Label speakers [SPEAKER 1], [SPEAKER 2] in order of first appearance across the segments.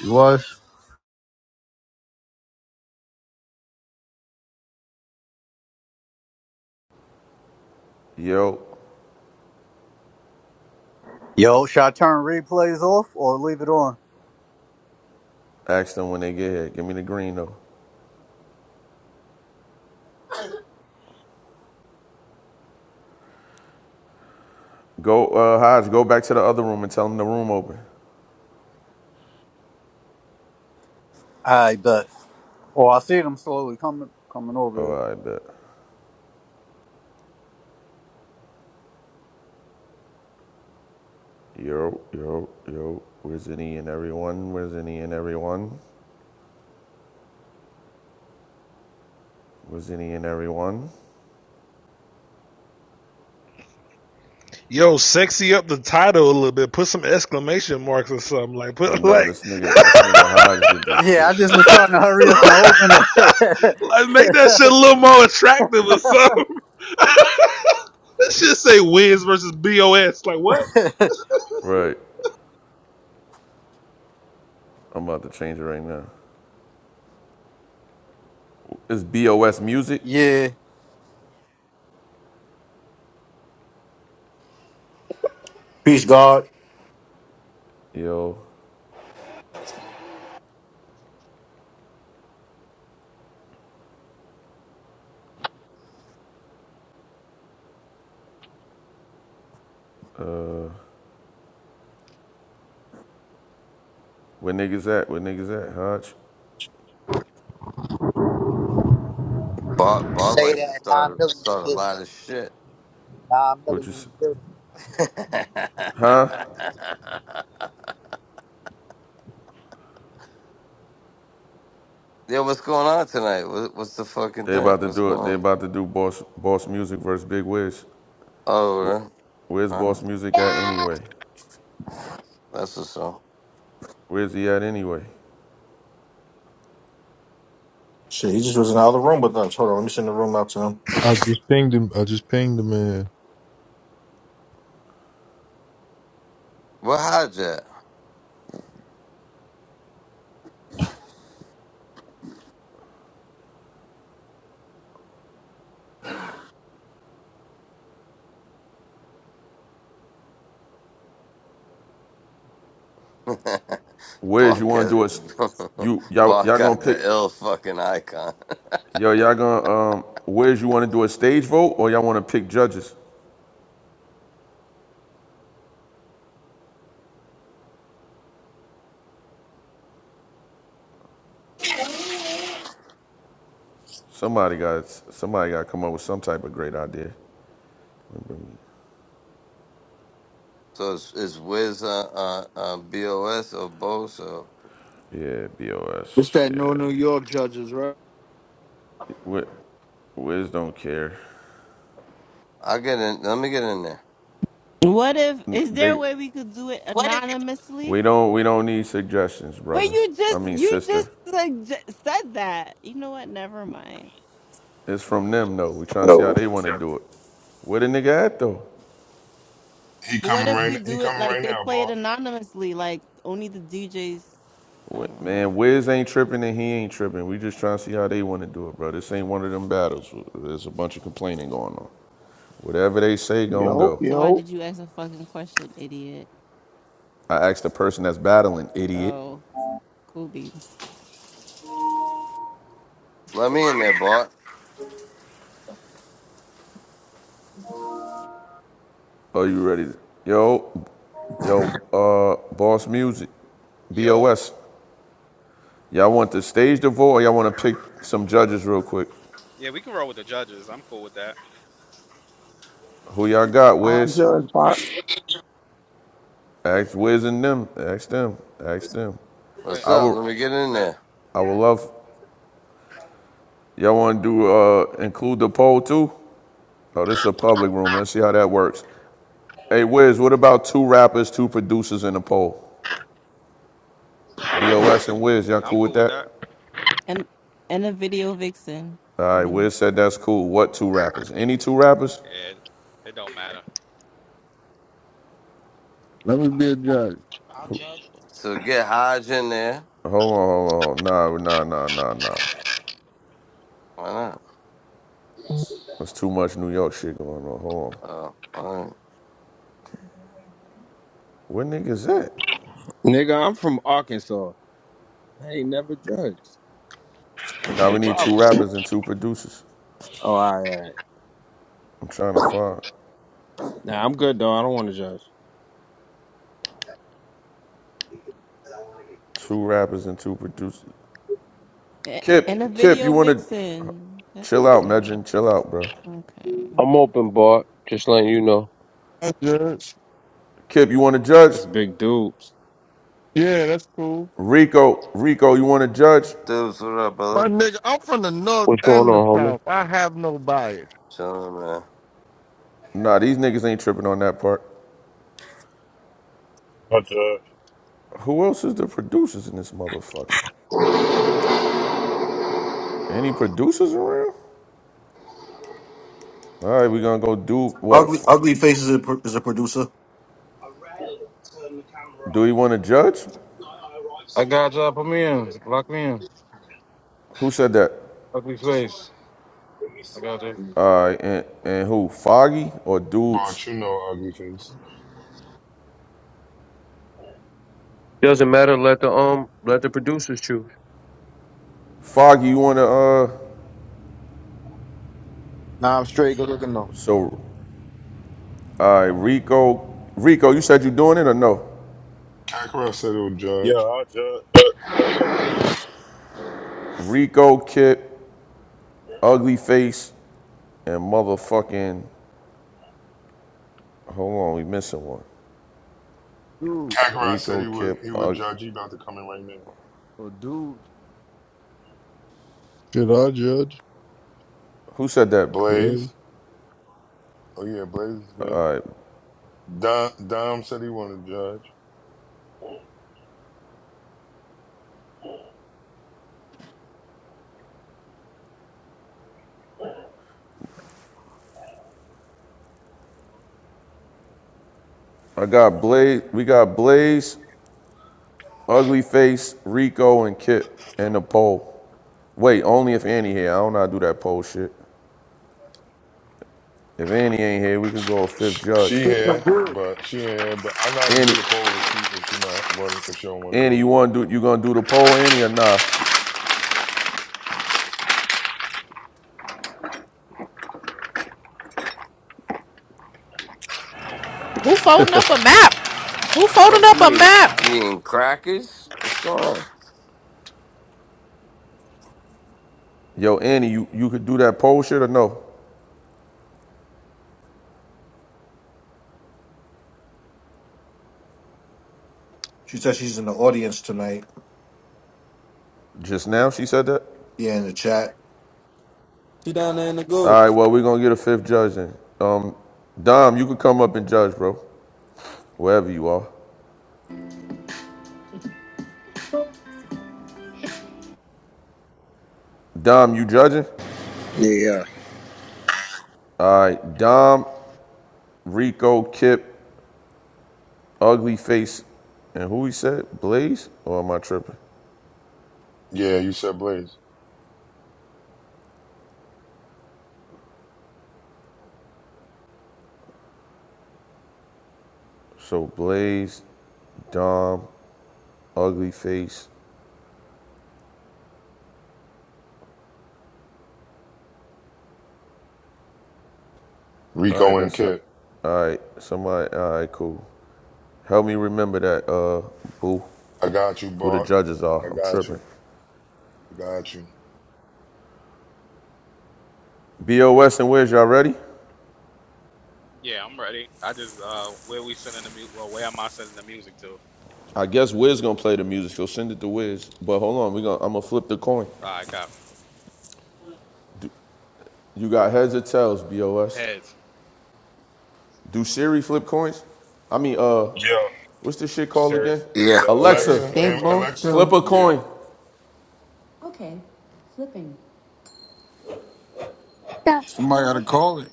[SPEAKER 1] You was?
[SPEAKER 2] Yo,
[SPEAKER 1] Yo, should I turn replays off or leave it on?
[SPEAKER 2] ask them when they get here. Give me the green though. Go, uh, Hodge, go back to the other room and tell them the room open.
[SPEAKER 1] I bet. Oh, I see them slowly coming coming
[SPEAKER 2] Oh,
[SPEAKER 1] over
[SPEAKER 2] I bet. Yo, yo, yo. Where's any and everyone? Where's any and everyone? Where's any and everyone?
[SPEAKER 3] Yo, sexy up the title a little bit. Put some exclamation marks or something. Like
[SPEAKER 2] I
[SPEAKER 3] put
[SPEAKER 2] know
[SPEAKER 3] like
[SPEAKER 2] this nigga, this nigga Hodge did
[SPEAKER 1] here.
[SPEAKER 2] this
[SPEAKER 1] Yeah, I
[SPEAKER 2] shit.
[SPEAKER 1] just was trying to hurry up and open it.
[SPEAKER 3] like make that shit a little more attractive or something. that shit say wins versus BOS. Like what?
[SPEAKER 2] Right. I'm about to change it right now. It's BOS music.
[SPEAKER 1] yeah.
[SPEAKER 4] Peace, God.
[SPEAKER 2] Yo, where niggas at? Where niggas at, Hodge?
[SPEAKER 5] Bob Bob
[SPEAKER 6] Say
[SPEAKER 5] likes to
[SPEAKER 6] that nine
[SPEAKER 5] start
[SPEAKER 6] million
[SPEAKER 5] start a
[SPEAKER 6] shit.
[SPEAKER 5] lot of shit.
[SPEAKER 6] Nine
[SPEAKER 2] What
[SPEAKER 6] million
[SPEAKER 2] you,
[SPEAKER 6] in the building.
[SPEAKER 5] yeah,
[SPEAKER 2] huh?
[SPEAKER 5] what's going on tonight? What, what's the fucking
[SPEAKER 2] They
[SPEAKER 5] thing?
[SPEAKER 2] about to
[SPEAKER 5] What's
[SPEAKER 2] do
[SPEAKER 5] going
[SPEAKER 2] it. They
[SPEAKER 5] on?
[SPEAKER 2] about to do boss, boss music versus Big Wiz.
[SPEAKER 5] Oh,
[SPEAKER 2] Where's
[SPEAKER 5] uh, uh,
[SPEAKER 2] Boss Music at anyway?
[SPEAKER 5] that's what's up.
[SPEAKER 2] Where's he at anyway?
[SPEAKER 4] Shit, he just was in the other room with us. Hold on, let me send the room out to him.
[SPEAKER 7] I just pinged him. I just pinged the man.
[SPEAKER 5] What how'd
[SPEAKER 2] Where's you
[SPEAKER 5] Bob
[SPEAKER 2] want
[SPEAKER 5] got
[SPEAKER 2] to do it? you y'all
[SPEAKER 5] Bob
[SPEAKER 2] y'all gonna
[SPEAKER 5] got the
[SPEAKER 2] pick
[SPEAKER 5] ill fucking icon.
[SPEAKER 2] yo y'all gonna um where's you want to do a stage vote or y'all want to pick judges? Somebody got somebody got to come up with some type of great idea.
[SPEAKER 5] So it's it's Wiz uh, uh, uh, Bos or Bo. So
[SPEAKER 2] Yeah,
[SPEAKER 8] It's
[SPEAKER 2] BOS.
[SPEAKER 8] that new
[SPEAKER 2] Yeah,
[SPEAKER 8] New York judges, right?
[SPEAKER 2] Wi- Wiz don't care.
[SPEAKER 5] I get in. Let me get in there.
[SPEAKER 9] What if
[SPEAKER 2] N-
[SPEAKER 9] is there a
[SPEAKER 2] They
[SPEAKER 9] way we could do it
[SPEAKER 10] What if?
[SPEAKER 9] anonymously?
[SPEAKER 2] we don't we don't need suggestions,
[SPEAKER 9] Well,
[SPEAKER 2] brother.
[SPEAKER 9] you
[SPEAKER 2] I
[SPEAKER 9] just
[SPEAKER 2] mean
[SPEAKER 9] you
[SPEAKER 2] sister.
[SPEAKER 9] just sugge- said that. You know what? Never mind.
[SPEAKER 2] It's from them though. We trying to see how they want to do it. Where the nigga at though?
[SPEAKER 11] He
[SPEAKER 9] But what
[SPEAKER 11] coming
[SPEAKER 9] if
[SPEAKER 11] right.
[SPEAKER 9] we
[SPEAKER 11] n- He
[SPEAKER 9] do it
[SPEAKER 11] coming
[SPEAKER 9] like
[SPEAKER 11] right
[SPEAKER 9] they
[SPEAKER 11] now,
[SPEAKER 9] play it
[SPEAKER 11] Bart.
[SPEAKER 9] anonymously, like only the DJs? I don't know.
[SPEAKER 2] Man, Wiz ain't tripping and he ain't tripping. We just trying to see how they want to do it, bro. This ain't one of them battles. There's a bunch of complaining going on. Whatever they say, gon'
[SPEAKER 12] Yo,
[SPEAKER 2] go.
[SPEAKER 9] So why
[SPEAKER 12] yo,
[SPEAKER 9] did you ask a fucking question, idiot?
[SPEAKER 2] I asked the person that's battling, idiot.
[SPEAKER 9] Oh, cool beans.
[SPEAKER 5] Let me in there, Bart.
[SPEAKER 2] Are you ready? to- Yo, yo, uh, Boss Music,
[SPEAKER 13] Yo,
[SPEAKER 2] BOS. Y'all want the stage to vote or y'all want to pick some judges real quick?
[SPEAKER 13] yeah, we can roll with the judges. I'm cool with that.
[SPEAKER 2] Who y'all got,
[SPEAKER 12] I
[SPEAKER 2] Wiz?
[SPEAKER 12] judge Bart.
[SPEAKER 2] Ask Wiz and them. Ask them. Ask them.
[SPEAKER 13] Wait,
[SPEAKER 5] What's
[SPEAKER 2] I
[SPEAKER 5] up?
[SPEAKER 2] would,
[SPEAKER 5] Let me get in
[SPEAKER 13] Matt,
[SPEAKER 5] there.
[SPEAKER 2] I would love, y'all want to do, uh, include the poll too? Oh, this is a public room. Let's see how that works. Hey, Wiz, what about two rappers, two producers in the poll? BOS and Wiz, y'all
[SPEAKER 13] I'm
[SPEAKER 2] cool with
[SPEAKER 13] cool with
[SPEAKER 2] that?
[SPEAKER 13] that.
[SPEAKER 9] And and a video vixen.
[SPEAKER 2] All
[SPEAKER 9] I
[SPEAKER 2] right,
[SPEAKER 9] mean,
[SPEAKER 2] Wiz said that's cool. What two rappers? Any two rappers?
[SPEAKER 13] Yeah, it, it don't matter.
[SPEAKER 14] Let me be
[SPEAKER 15] I'll,
[SPEAKER 14] a judge.
[SPEAKER 15] I'll judge
[SPEAKER 5] So get Hodge in there.
[SPEAKER 2] Hold on, hold on. Nah, nah, nah, nah, nah.
[SPEAKER 5] Why not?
[SPEAKER 2] There's too much New York shit going on. Hold on.
[SPEAKER 5] Uh, alright.
[SPEAKER 2] Where niggas at?
[SPEAKER 16] Nigga, I'm from Arkansas. I ain't never judged. What's
[SPEAKER 2] Now
[SPEAKER 16] the
[SPEAKER 2] we need two
[SPEAKER 16] problem?
[SPEAKER 2] rappers and two producers.
[SPEAKER 16] Oh, all right, all right.
[SPEAKER 2] I'm trying to find
[SPEAKER 16] Nah, I'm good though. I don't want to judge.
[SPEAKER 2] two rappers and two producers.
[SPEAKER 9] eh, and a
[SPEAKER 2] Kip, Kip, you
[SPEAKER 9] video
[SPEAKER 2] wanna
[SPEAKER 9] vixen. That's
[SPEAKER 2] chill
[SPEAKER 9] not
[SPEAKER 2] out,
[SPEAKER 9] fair.
[SPEAKER 2] Megan? Chill out, bro.
[SPEAKER 9] Okay,
[SPEAKER 17] I'm open, Bart. Just letting you know
[SPEAKER 18] I judge.
[SPEAKER 2] Kip, you wanna judge?
[SPEAKER 16] That's big dude.
[SPEAKER 18] Yeah, that's cool.
[SPEAKER 2] Rico, Rico, you wanna judge?
[SPEAKER 5] dudes. what up,
[SPEAKER 14] My
[SPEAKER 5] brother?
[SPEAKER 14] nigga, I'm from the north
[SPEAKER 17] what's going
[SPEAKER 14] and the
[SPEAKER 17] on, homie.
[SPEAKER 14] south. I have no bias.
[SPEAKER 5] Chilling, man.
[SPEAKER 2] Nah, these niggas ain't tripping on that part.
[SPEAKER 19] I judge.
[SPEAKER 2] Who else is the producers in this motherfucker? Any producers around? All right, we gonna go do what?
[SPEAKER 4] Ugly,
[SPEAKER 2] F-
[SPEAKER 4] ugly Face is a, pro- is a producer.
[SPEAKER 20] I rarely turn the camera
[SPEAKER 2] do we
[SPEAKER 20] on.
[SPEAKER 2] want to judge?
[SPEAKER 20] I, I arrive
[SPEAKER 21] I got
[SPEAKER 20] somewhere
[SPEAKER 21] y'all. Put me
[SPEAKER 20] because
[SPEAKER 21] in. Lock me in.
[SPEAKER 2] Who said that?
[SPEAKER 21] lock Ugly
[SPEAKER 20] I just want
[SPEAKER 21] face.
[SPEAKER 20] to get used
[SPEAKER 21] I
[SPEAKER 20] to where
[SPEAKER 21] got
[SPEAKER 20] I am.
[SPEAKER 21] you.
[SPEAKER 2] All right, and, and who? Foggy or dudes?
[SPEAKER 11] Bart, you know, ugly face.
[SPEAKER 17] Doesn't matter. Let the um, let the producers choose.
[SPEAKER 2] Foggy, you wanna uh?
[SPEAKER 20] Nah, I'm straight. Good looking though.
[SPEAKER 2] So, all right, Rico. Rico, you said you doing it or no?
[SPEAKER 11] Kakarot said he would
[SPEAKER 19] Yeah,
[SPEAKER 11] judge.
[SPEAKER 19] I judge.
[SPEAKER 2] Rico, Kip, Ugly Face, and motherfucking. Hold on, we missing one.
[SPEAKER 14] Dude,
[SPEAKER 11] Kakarot said
[SPEAKER 2] Rico,
[SPEAKER 11] he would.
[SPEAKER 2] Kip.
[SPEAKER 11] He would
[SPEAKER 2] Uh,
[SPEAKER 11] judge. He about to come in right now.
[SPEAKER 14] or dude,
[SPEAKER 7] Should I judge?
[SPEAKER 2] who said that?
[SPEAKER 11] Blaze.
[SPEAKER 7] Please.
[SPEAKER 11] Oh yeah, Blaze is good. Dom, Dom said he want to judge.
[SPEAKER 2] I got Blaze. We got Blaze. Ugly Face, Rico, and Kip in the poll. Wait, only if Annie here. I don't know how to do that poll shit. If Annie ain't here, we could go a fifth
[SPEAKER 11] Sh-
[SPEAKER 2] judge.
[SPEAKER 11] She here, but she here. But I know how to do
[SPEAKER 2] Annie,
[SPEAKER 11] the poll if she if she not want if she don't want to
[SPEAKER 2] Annie,
[SPEAKER 11] do
[SPEAKER 2] you
[SPEAKER 11] it.
[SPEAKER 2] want to do? You gonna do the poll, Annie, or nah?
[SPEAKER 22] Who folding up a map? Who folding
[SPEAKER 5] Fuck,
[SPEAKER 22] up
[SPEAKER 5] you
[SPEAKER 22] a
[SPEAKER 5] eat,
[SPEAKER 22] map?
[SPEAKER 5] you eating crackers? What's going on?
[SPEAKER 2] Yo, Annie, you, you could do that poll shit or no?
[SPEAKER 4] She said she's in the audience tonight.
[SPEAKER 2] Just now she said that.
[SPEAKER 4] Yeah, in the chat.
[SPEAKER 23] She down there in the
[SPEAKER 2] All
[SPEAKER 23] goo.
[SPEAKER 2] right, well we gonna get a fifth judge then. Um, Dom, you could come up and judge, bro. Wherever you are. Dom, you judging?
[SPEAKER 24] Yeah. yeah.
[SPEAKER 2] All right, Dom, Rico, Kip, Ugly Face, and who he said? Blaze? Or am I tripping?
[SPEAKER 11] Yeah, you said Blaze.
[SPEAKER 2] So Blaze, Dom, Ugly Face. All right,
[SPEAKER 11] Rico and
[SPEAKER 2] that's not,
[SPEAKER 11] Kit.
[SPEAKER 2] all right. Somebody, all right, cool. Help me remember that, uh, boo,
[SPEAKER 11] I got you,
[SPEAKER 2] who the
[SPEAKER 11] Bart.
[SPEAKER 2] judges
[SPEAKER 11] I
[SPEAKER 2] are. I'm
[SPEAKER 11] got
[SPEAKER 2] tripping.
[SPEAKER 11] you. I got you.
[SPEAKER 2] BOS and Wiz, y'all ready?
[SPEAKER 13] Yeah, I'm ready. I just uh, where we sending the mu? Well, where am I sending the music to?
[SPEAKER 2] I guess Wiz gonna play the music, so send it to Wiz. But hold on, we gonna I'm gonna flip the coin.
[SPEAKER 13] All right, copy.
[SPEAKER 2] You got heads or tails, BOS.
[SPEAKER 13] Heads.
[SPEAKER 2] Do Siri flip coins? I mean, uh,
[SPEAKER 19] Yeah,
[SPEAKER 2] what's this shit called again?
[SPEAKER 19] serious.
[SPEAKER 25] Yeah,
[SPEAKER 19] Yeah,
[SPEAKER 2] Alexa,
[SPEAKER 19] serious
[SPEAKER 11] Alexa
[SPEAKER 9] they
[SPEAKER 19] flip
[SPEAKER 11] and
[SPEAKER 19] phone.
[SPEAKER 9] both
[SPEAKER 11] Alexa.
[SPEAKER 2] flip
[SPEAKER 9] do.
[SPEAKER 2] a
[SPEAKER 11] Yeah,
[SPEAKER 2] coin.
[SPEAKER 26] Somebody ought to call it.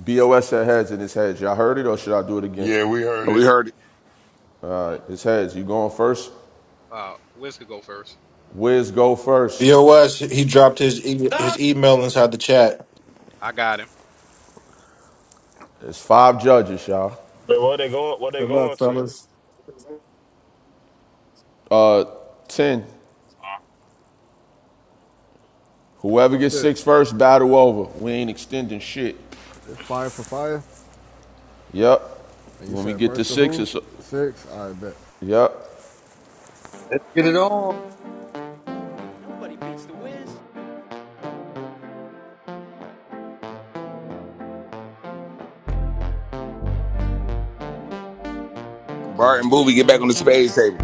[SPEAKER 2] BOS said heads and it's heads. Y'all heard it or should I do it again?
[SPEAKER 11] yeah, we heard
[SPEAKER 25] we
[SPEAKER 11] it.
[SPEAKER 25] heard it.
[SPEAKER 2] All right, it's heads. You going first?
[SPEAKER 13] Uh, Wiz could go first.
[SPEAKER 2] Wiz go first.
[SPEAKER 4] BOS, he dropped his e- his email inside the chat.
[SPEAKER 13] I got him.
[SPEAKER 2] It's five judges, y'all.
[SPEAKER 19] But what they going? What they
[SPEAKER 8] Good luck,
[SPEAKER 19] going to?
[SPEAKER 8] fellas.
[SPEAKER 2] Uh, ten. Whoever
[SPEAKER 24] What's
[SPEAKER 2] gets
[SPEAKER 24] that?
[SPEAKER 2] six first, battle over. We ain't extending shit.
[SPEAKER 24] It's fire for fire.
[SPEAKER 2] Yep.
[SPEAKER 24] And you
[SPEAKER 2] When we
[SPEAKER 24] said
[SPEAKER 2] get to
[SPEAKER 24] first to
[SPEAKER 2] six,
[SPEAKER 24] who?
[SPEAKER 2] it's a,
[SPEAKER 24] Six. I bet.
[SPEAKER 2] yep.
[SPEAKER 27] Let's get it on.
[SPEAKER 28] Nobody beats the Wiz.
[SPEAKER 25] Bart and Booby get back on the spades table.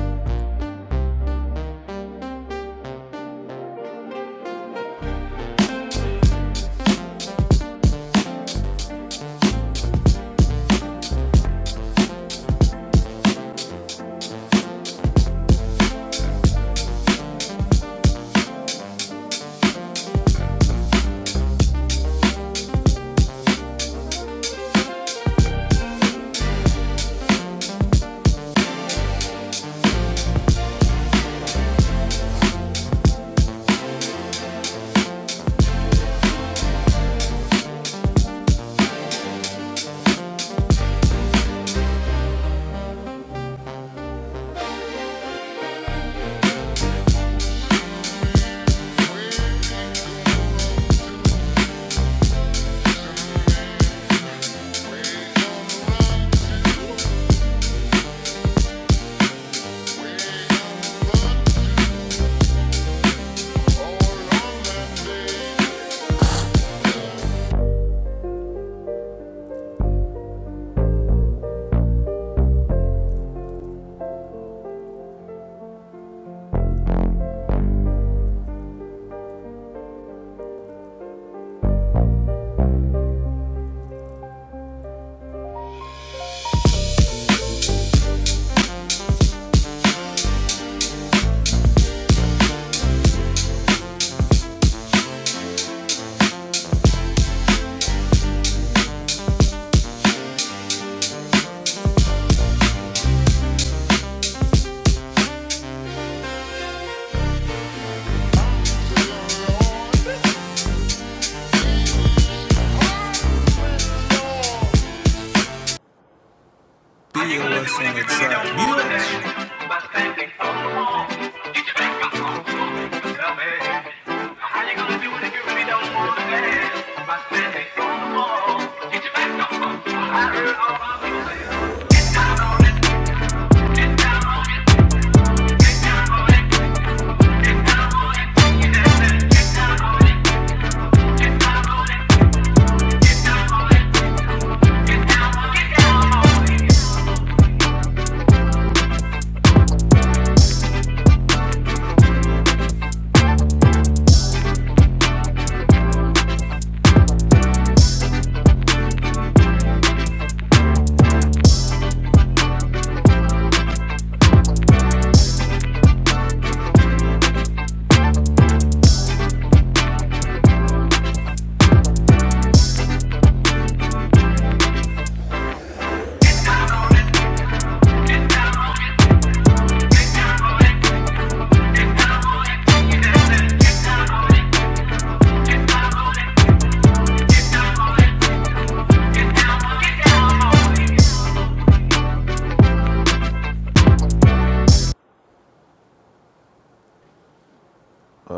[SPEAKER 28] How you gonna do it if you really don't want to dance? By standing on the wall, Get your back up on the wall. I heard all my people say, get down on it. Get down on it. Get down on it. Get down on it. get down on it, get down on it, get down on it, get down on it, get down on it, get down on it.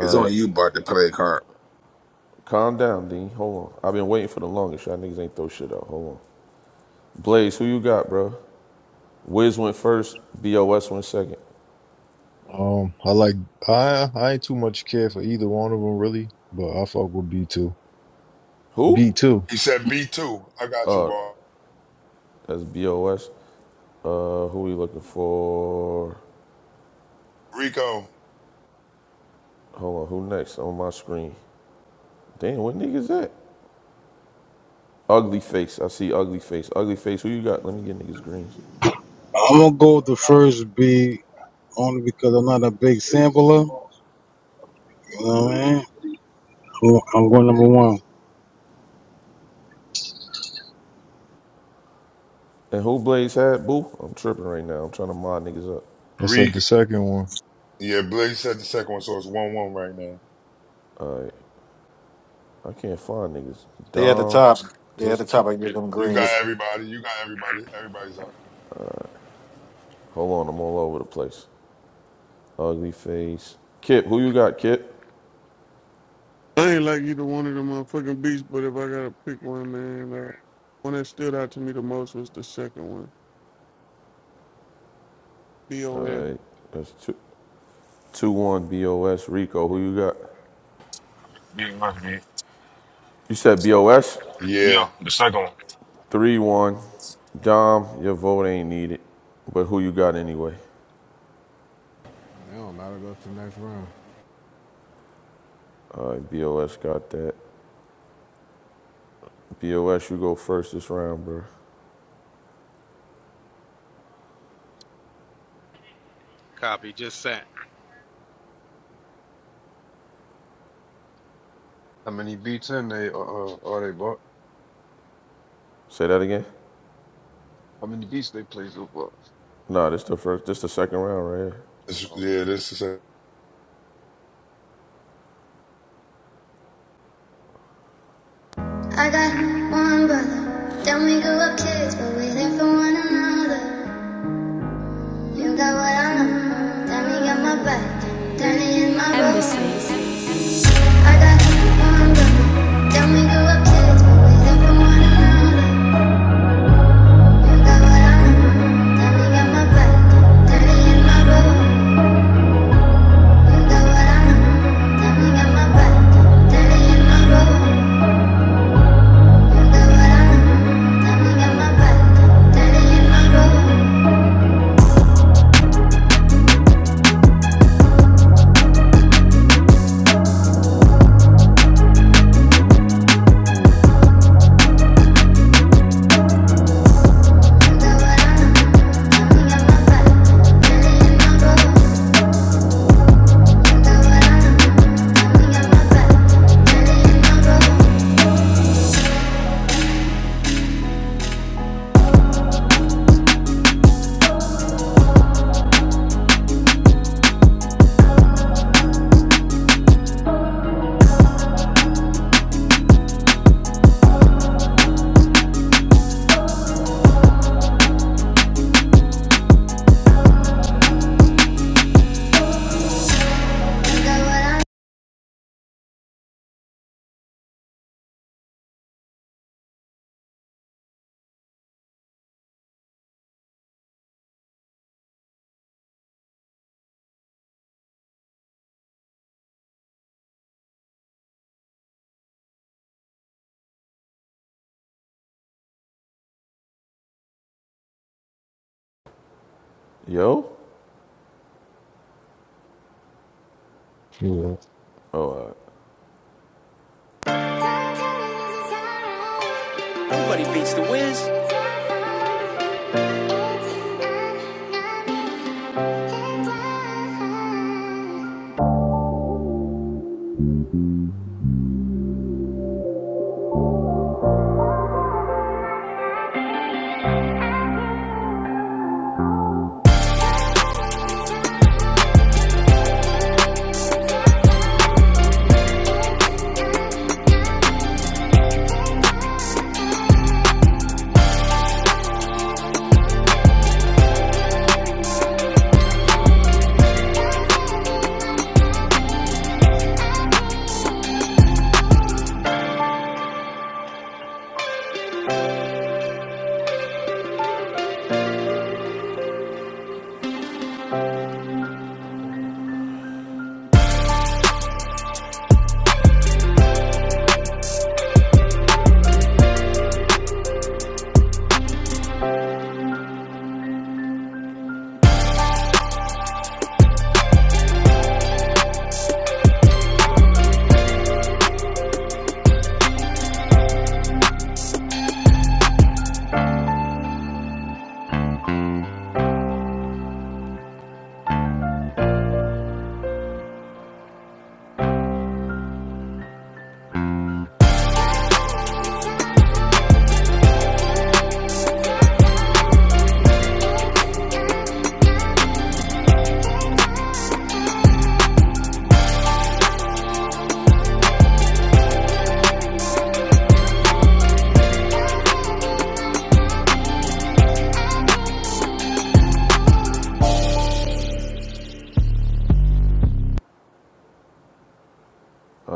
[SPEAKER 25] It's
[SPEAKER 2] right,
[SPEAKER 25] on you, Bart, to play a card.
[SPEAKER 2] calm down, Dean. Hold on. I've been waiting for the longest. Y'all niggas ain't throw shit out. Hold on. Blaze, who you got, bro? Wiz went first. Bos went second.
[SPEAKER 7] Um, I like I I ain't too much care for either one of them really, but I fuck with B two.
[SPEAKER 2] Who?
[SPEAKER 7] B two.
[SPEAKER 11] He said B two. I got you, Bart.
[SPEAKER 2] That's Bos. Uh, who we looking for?
[SPEAKER 11] Rico,
[SPEAKER 2] Hold on. Who next on my screen? Damn, what niggas that? Ugly face. I see ugly face. Ugly face. Who you got? Let me get niggas greens.
[SPEAKER 21] I'm gonna go with the first beat only because I'm not a big sampler. You know what I mean? I'm I'm going number one.
[SPEAKER 2] And who Blaze had? Boo. I'm tripping right now. I'm trying to mod niggas up.
[SPEAKER 7] That's like
[SPEAKER 11] Rico.
[SPEAKER 7] the second one.
[SPEAKER 11] Yeah, Blake said the second one, so it's one one right now.
[SPEAKER 2] All right. I can't find niggas.
[SPEAKER 4] They at the
[SPEAKER 2] Dom.
[SPEAKER 4] top. They at
[SPEAKER 2] Where's
[SPEAKER 4] the
[SPEAKER 2] Ki-
[SPEAKER 4] top. I give them
[SPEAKER 11] You got
[SPEAKER 2] Kip?
[SPEAKER 4] greens.
[SPEAKER 11] everybody. You got everybody. Everybody's up.
[SPEAKER 2] Hold on. I'm all over the place. Ugly face. Kip. Who you got, Kip?
[SPEAKER 18] I ain't like either one of the motherfucking beats, but if I gotta pick one, man, uh, one that stood out to me the most was the second one.
[SPEAKER 2] All
[SPEAKER 18] B.O.S.
[SPEAKER 2] right. That's two, two one. Bos. Rico. Who you got?
[SPEAKER 19] Big West beat.
[SPEAKER 2] You said Bos.
[SPEAKER 19] Yeah,
[SPEAKER 11] Yeah,
[SPEAKER 19] the second one.
[SPEAKER 2] Three one. Dom. Your vote ain't needed. But who you got anyway?
[SPEAKER 24] It don't matter. Go to the next round.
[SPEAKER 2] All right. Bos got that. Bos. You go first this round, bro.
[SPEAKER 13] Copy. Just sent.
[SPEAKER 29] How many beats in they uh, uh are they bought?
[SPEAKER 2] Say that again.
[SPEAKER 29] How many beats they play so far?
[SPEAKER 2] No, this the first. This the second round, right?
[SPEAKER 11] this, yeah.
[SPEAKER 29] Okay,
[SPEAKER 11] This is a
[SPEAKER 28] I got one brother. Then we grew up kids, but we there for one another. You got what I know. Then we got my back. Then he in my Embassy. I got one brother. Then we grew up kids, but we there for one another. You got what I know. Then we got my back. Then he in my room. You got what I know. Then we got my back. Then he in my room.
[SPEAKER 2] Here. Yo.
[SPEAKER 7] Yeah,
[SPEAKER 28] Nobody beats the Wiz.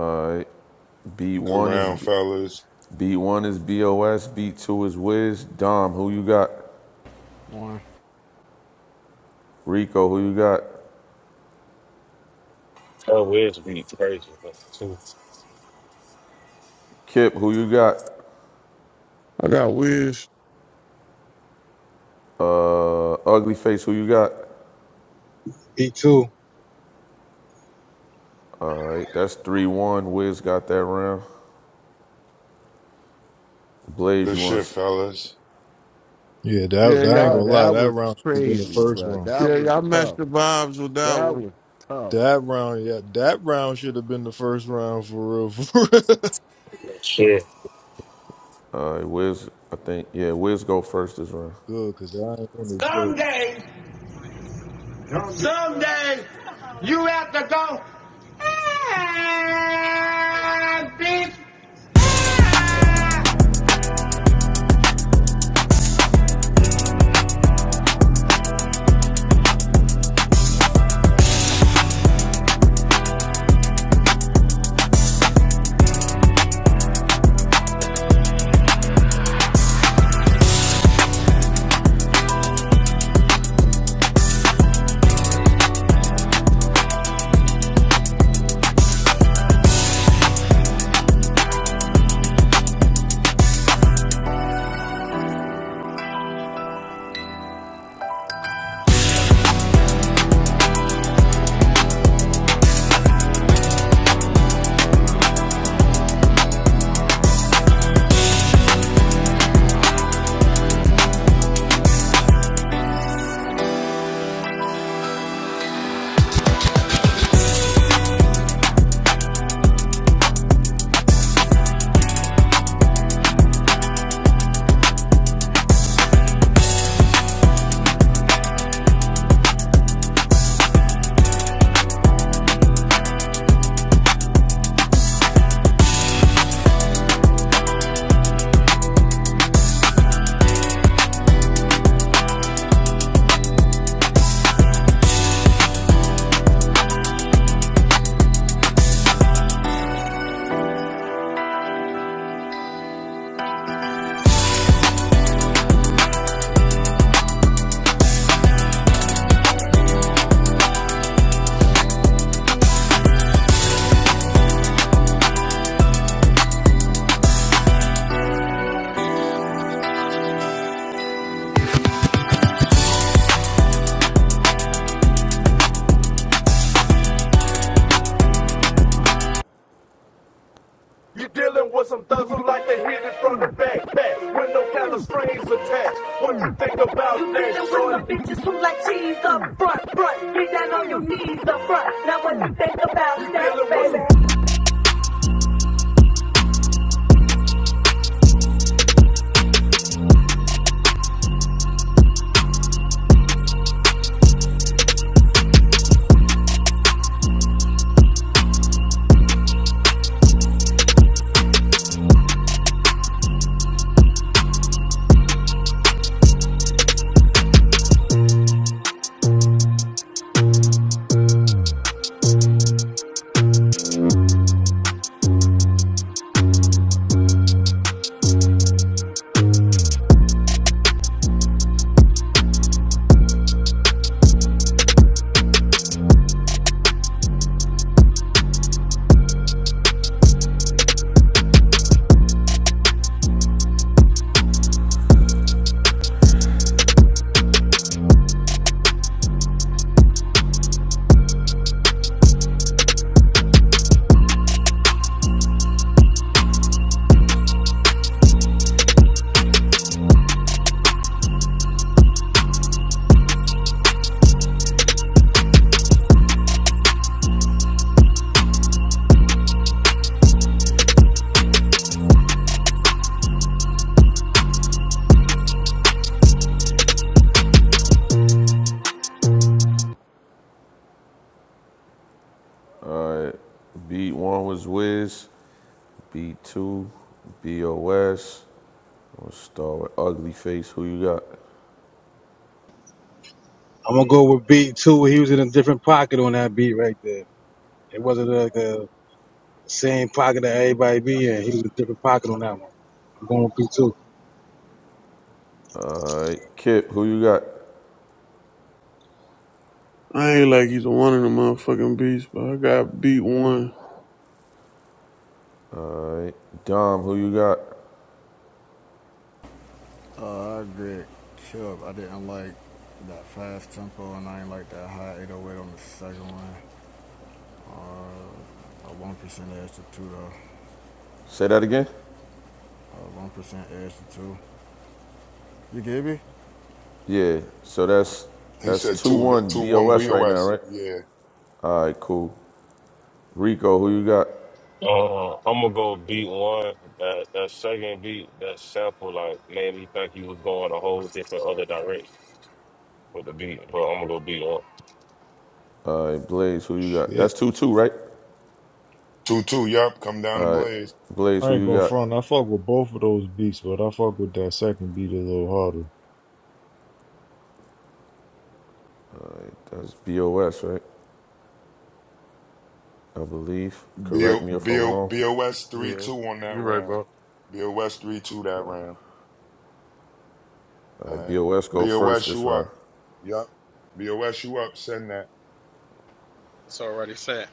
[SPEAKER 2] All right. Beat
[SPEAKER 11] good
[SPEAKER 2] one is
[SPEAKER 11] round, fellas.
[SPEAKER 2] beat one is Bos. Beat two is Wiz. Dom, who you got?
[SPEAKER 24] One.
[SPEAKER 2] Rico, who you got?
[SPEAKER 19] That West beat crazy. That's two.
[SPEAKER 2] Kip, who you got?
[SPEAKER 18] got Wiz.
[SPEAKER 2] Uh, Ugly Face, who you got?
[SPEAKER 21] B two.
[SPEAKER 2] All right. That's three one. Wiz got that round. Blaze,
[SPEAKER 11] Good
[SPEAKER 2] you want?
[SPEAKER 11] shit,
[SPEAKER 2] s-
[SPEAKER 11] fellas.
[SPEAKER 7] yeah. That,
[SPEAKER 18] Yeah,
[SPEAKER 7] that I ain't
[SPEAKER 14] bro,
[SPEAKER 7] gonna
[SPEAKER 18] y'all.
[SPEAKER 7] lie.
[SPEAKER 14] that
[SPEAKER 7] That
[SPEAKER 14] was
[SPEAKER 7] round should have been the
[SPEAKER 14] crazy,
[SPEAKER 7] first
[SPEAKER 14] bro.
[SPEAKER 7] round.
[SPEAKER 14] That
[SPEAKER 18] Yeah,
[SPEAKER 14] was
[SPEAKER 18] y'all matched
[SPEAKER 14] tough.
[SPEAKER 18] the vibes with that
[SPEAKER 14] That
[SPEAKER 18] one.
[SPEAKER 14] was tough.
[SPEAKER 7] That round, yeah, that round should have been the first round for real. For real.
[SPEAKER 19] Shit.
[SPEAKER 2] right. Wiz, I think. Yeah, Wiz go first this round.
[SPEAKER 7] Good, cause I ain't gonna judge.
[SPEAKER 28] Someday, someday, you have to go and beat Bitches who like cheese up front, front. Get down on your knees up front. Now what you think about that?
[SPEAKER 2] Beat one was Wiz. Beat two, Bos. We'll start with Ugly Face. Who you got?
[SPEAKER 21] I'm gonna go with B two. He was in a different pocket on that beat right there. It wasn't like the same pocket that everybody be in. He was in a different pocket on that one. I'm going with B two.
[SPEAKER 2] All right. Kip, who you got?
[SPEAKER 18] I ain't like either one of the motherfucking beats, but I got beat one.
[SPEAKER 2] All right, Dom, who you got?
[SPEAKER 24] Uh, I get killed. I didn't like that fast tempo, and I ain't like that high 808 on the second one. Uh, a one percent edge to two though.
[SPEAKER 2] Say that again.
[SPEAKER 24] A one percent edge to two. You gave me?
[SPEAKER 2] Yeah. So that's
[SPEAKER 11] He
[SPEAKER 2] that's
[SPEAKER 11] said
[SPEAKER 2] two
[SPEAKER 11] two
[SPEAKER 2] one
[SPEAKER 11] two one
[SPEAKER 2] BOS right now,
[SPEAKER 11] BOS.
[SPEAKER 2] right?
[SPEAKER 11] Yeah,
[SPEAKER 2] All right, cool. Rico, who you got?
[SPEAKER 19] Uh, I'm gonna go beat one. That that second beat, that sample like made me think he was going a whole different other direction with the beat. But I'm gonna go beat one.
[SPEAKER 2] All right, Blaze, who you got? That's
[SPEAKER 7] Shit,
[SPEAKER 2] two two, right?
[SPEAKER 11] two two. Yup, come down to
[SPEAKER 2] All right,
[SPEAKER 11] Blaze.
[SPEAKER 2] Blaze,
[SPEAKER 7] I
[SPEAKER 2] who
[SPEAKER 7] ain't
[SPEAKER 2] you
[SPEAKER 7] gonna
[SPEAKER 2] got?
[SPEAKER 7] front. I fuck with both of those beats, but I fuck with that second beat a little harder.
[SPEAKER 2] That's BOS, right? I believe.
[SPEAKER 11] B
[SPEAKER 2] Correct me if
[SPEAKER 11] B
[SPEAKER 2] I'm wrong.
[SPEAKER 11] BOS
[SPEAKER 29] you
[SPEAKER 11] three
[SPEAKER 29] right,
[SPEAKER 11] two on that
[SPEAKER 29] you right,
[SPEAKER 11] round.
[SPEAKER 29] bro.
[SPEAKER 11] BOS three two that round.
[SPEAKER 2] All
[SPEAKER 11] All
[SPEAKER 2] right,
[SPEAKER 11] right.
[SPEAKER 2] BOS go first
[SPEAKER 11] BOS
[SPEAKER 2] this
[SPEAKER 11] you up.
[SPEAKER 2] round.
[SPEAKER 11] Yup. BOS you up. Send that.
[SPEAKER 13] It's already sent.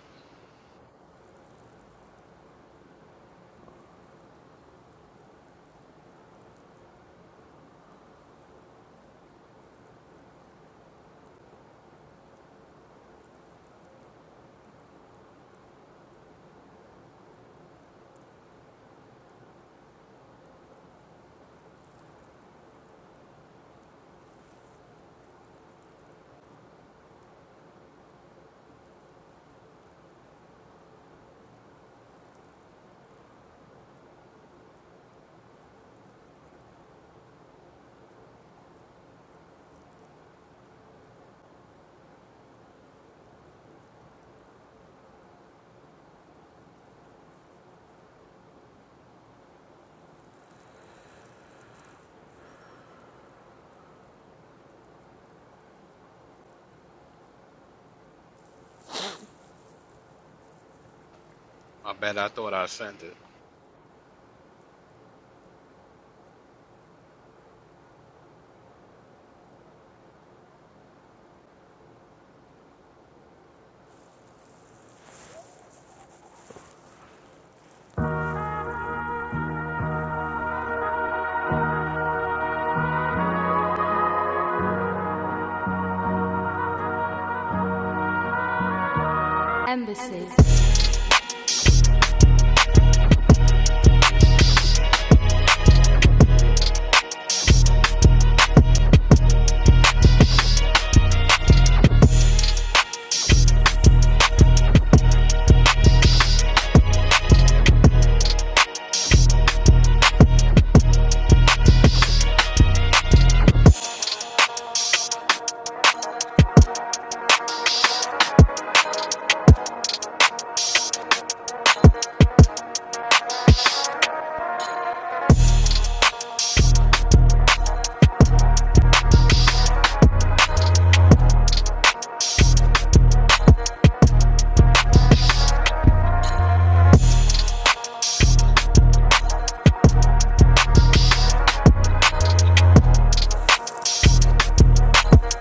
[SPEAKER 13] My bad. I thought I sent it.
[SPEAKER 29] mm mm.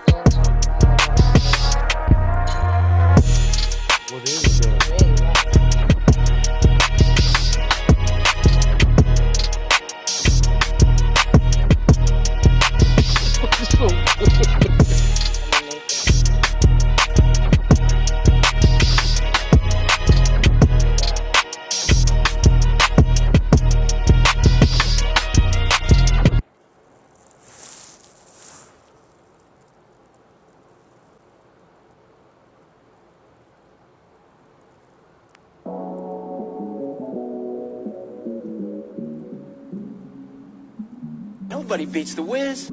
[SPEAKER 29] Oh my So god, I want this. Mm, what is that? Wait, what? Looks so good. I'm gonna make it. It's a wrap.
[SPEAKER 28] Nobody beats the whiz.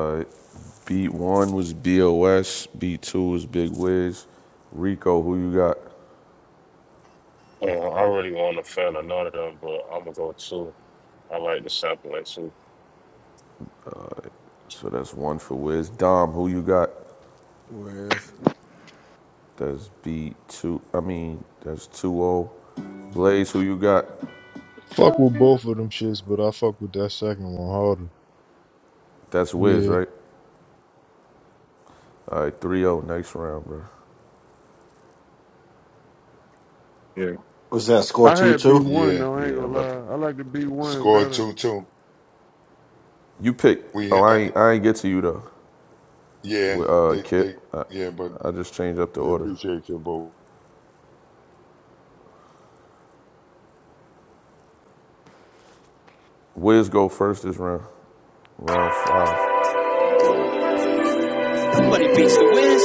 [SPEAKER 2] All right, B one was B O S, B two was Big Wiz. Rico, who you got?
[SPEAKER 19] Uh, I really want to fan of none of them, but I'm gonna go two. I like the sample at two.
[SPEAKER 2] So that's one for Wiz. Dom, who you got?
[SPEAKER 24] Wiz.
[SPEAKER 2] That's B two. I mean, that's two O. Blaze, who you got?
[SPEAKER 7] Fuck with both of them shits, but I fuck with that second one harder.
[SPEAKER 2] That's Wiz,
[SPEAKER 7] Yeah.
[SPEAKER 2] right? All right, three O. Next round, bro.
[SPEAKER 4] Yeah. Was that score
[SPEAKER 18] I
[SPEAKER 4] two
[SPEAKER 18] had beat
[SPEAKER 4] two?
[SPEAKER 18] one
[SPEAKER 11] Yeah.
[SPEAKER 18] though. I ain't
[SPEAKER 2] Yeah,
[SPEAKER 18] gonna
[SPEAKER 2] I'm about to.
[SPEAKER 18] lie. I like the beat one
[SPEAKER 11] Score
[SPEAKER 18] better.
[SPEAKER 11] two two.
[SPEAKER 2] You pick.
[SPEAKER 11] We
[SPEAKER 2] Oh,
[SPEAKER 11] hit.
[SPEAKER 2] I ain't, I ain't get to you though.
[SPEAKER 11] Yeah,
[SPEAKER 2] Wi- Uh,
[SPEAKER 11] they they
[SPEAKER 2] Kip. I,
[SPEAKER 11] yeah, but
[SPEAKER 2] I just changed up the
[SPEAKER 11] we
[SPEAKER 2] order.
[SPEAKER 11] appreciate your vote.
[SPEAKER 2] Wiz go first this round. Round five.
[SPEAKER 28] Nobody beats the whiz.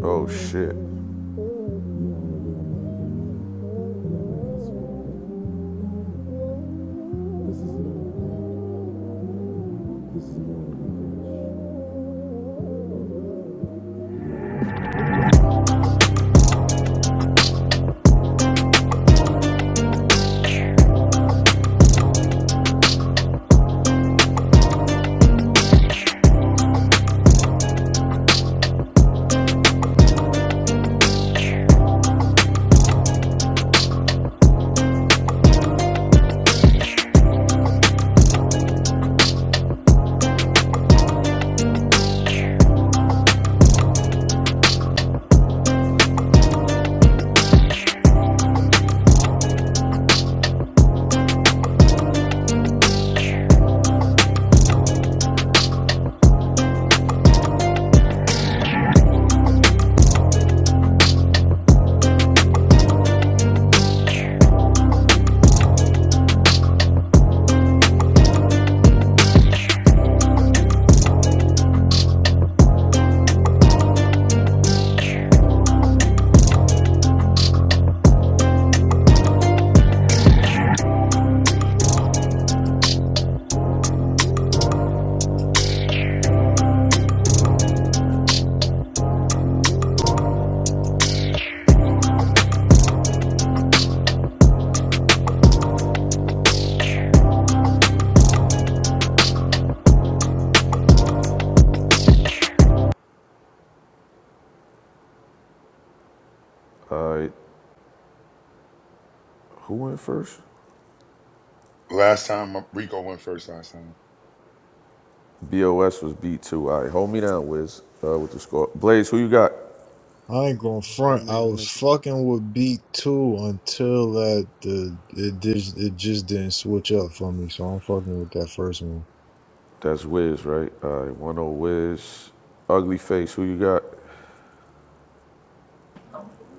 [SPEAKER 2] Oh shit. All right, who went first?
[SPEAKER 11] Last time uh, Rico went first last time.
[SPEAKER 2] Bos was B two. All right, hold me down, Wiz. Uh, with the score. Blaze, who you got?
[SPEAKER 7] I ain't gonna
[SPEAKER 14] Y'all
[SPEAKER 7] front. I
[SPEAKER 14] niggas
[SPEAKER 7] was
[SPEAKER 14] make
[SPEAKER 7] fucking with beat two until that the it just it just didn't switch up for me, so I'm fucking with that first one.
[SPEAKER 2] That's Wiz, right? All right, one O Wiz. Ugly face, who you got?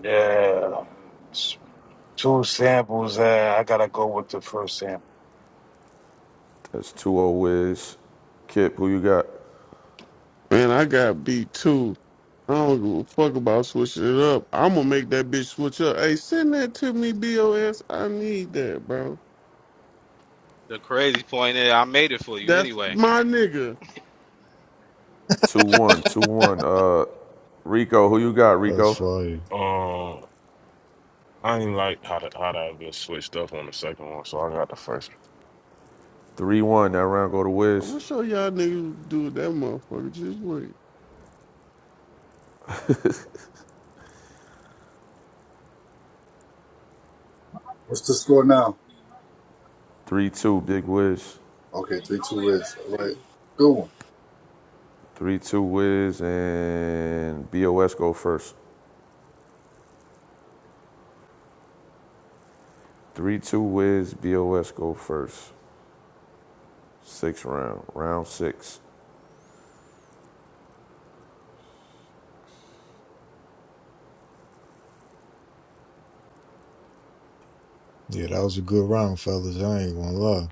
[SPEAKER 21] Yeah. It's Two samples. Uh, I gotta go with the first sample.
[SPEAKER 2] That's 2 o 0 Wiz. Kip, who you got?
[SPEAKER 18] Man, I got beat two. I don't give a fuck about switching it up. I'm gonna make that bitch switch up. Hey, send that to me, BOS. I need that, bro.
[SPEAKER 13] The crazy point is, I made it for you
[SPEAKER 18] That's
[SPEAKER 13] anyway.
[SPEAKER 18] my nigga.
[SPEAKER 2] Two one, two one. Uh, Rico, who you got,
[SPEAKER 7] That's
[SPEAKER 2] Rico?
[SPEAKER 7] fire.
[SPEAKER 19] Um, I ain't like how the how that just switched up on the second one, so I got the first.
[SPEAKER 2] 3 1. That round go to
[SPEAKER 18] I'm
[SPEAKER 2] Wiz.
[SPEAKER 18] gonna show y'all niggas what do with that motherfucker. Just wait.
[SPEAKER 27] What's the score now?
[SPEAKER 2] 3 2, Big Wiz.
[SPEAKER 27] Okay, three two is all right. Good one.
[SPEAKER 2] 3 2 Wiz and BOS go first. 3 2 Wiz, BOS go first. Sixth round, round six.
[SPEAKER 7] Yeah, that was a good round, fellas. I ain't gonna lie.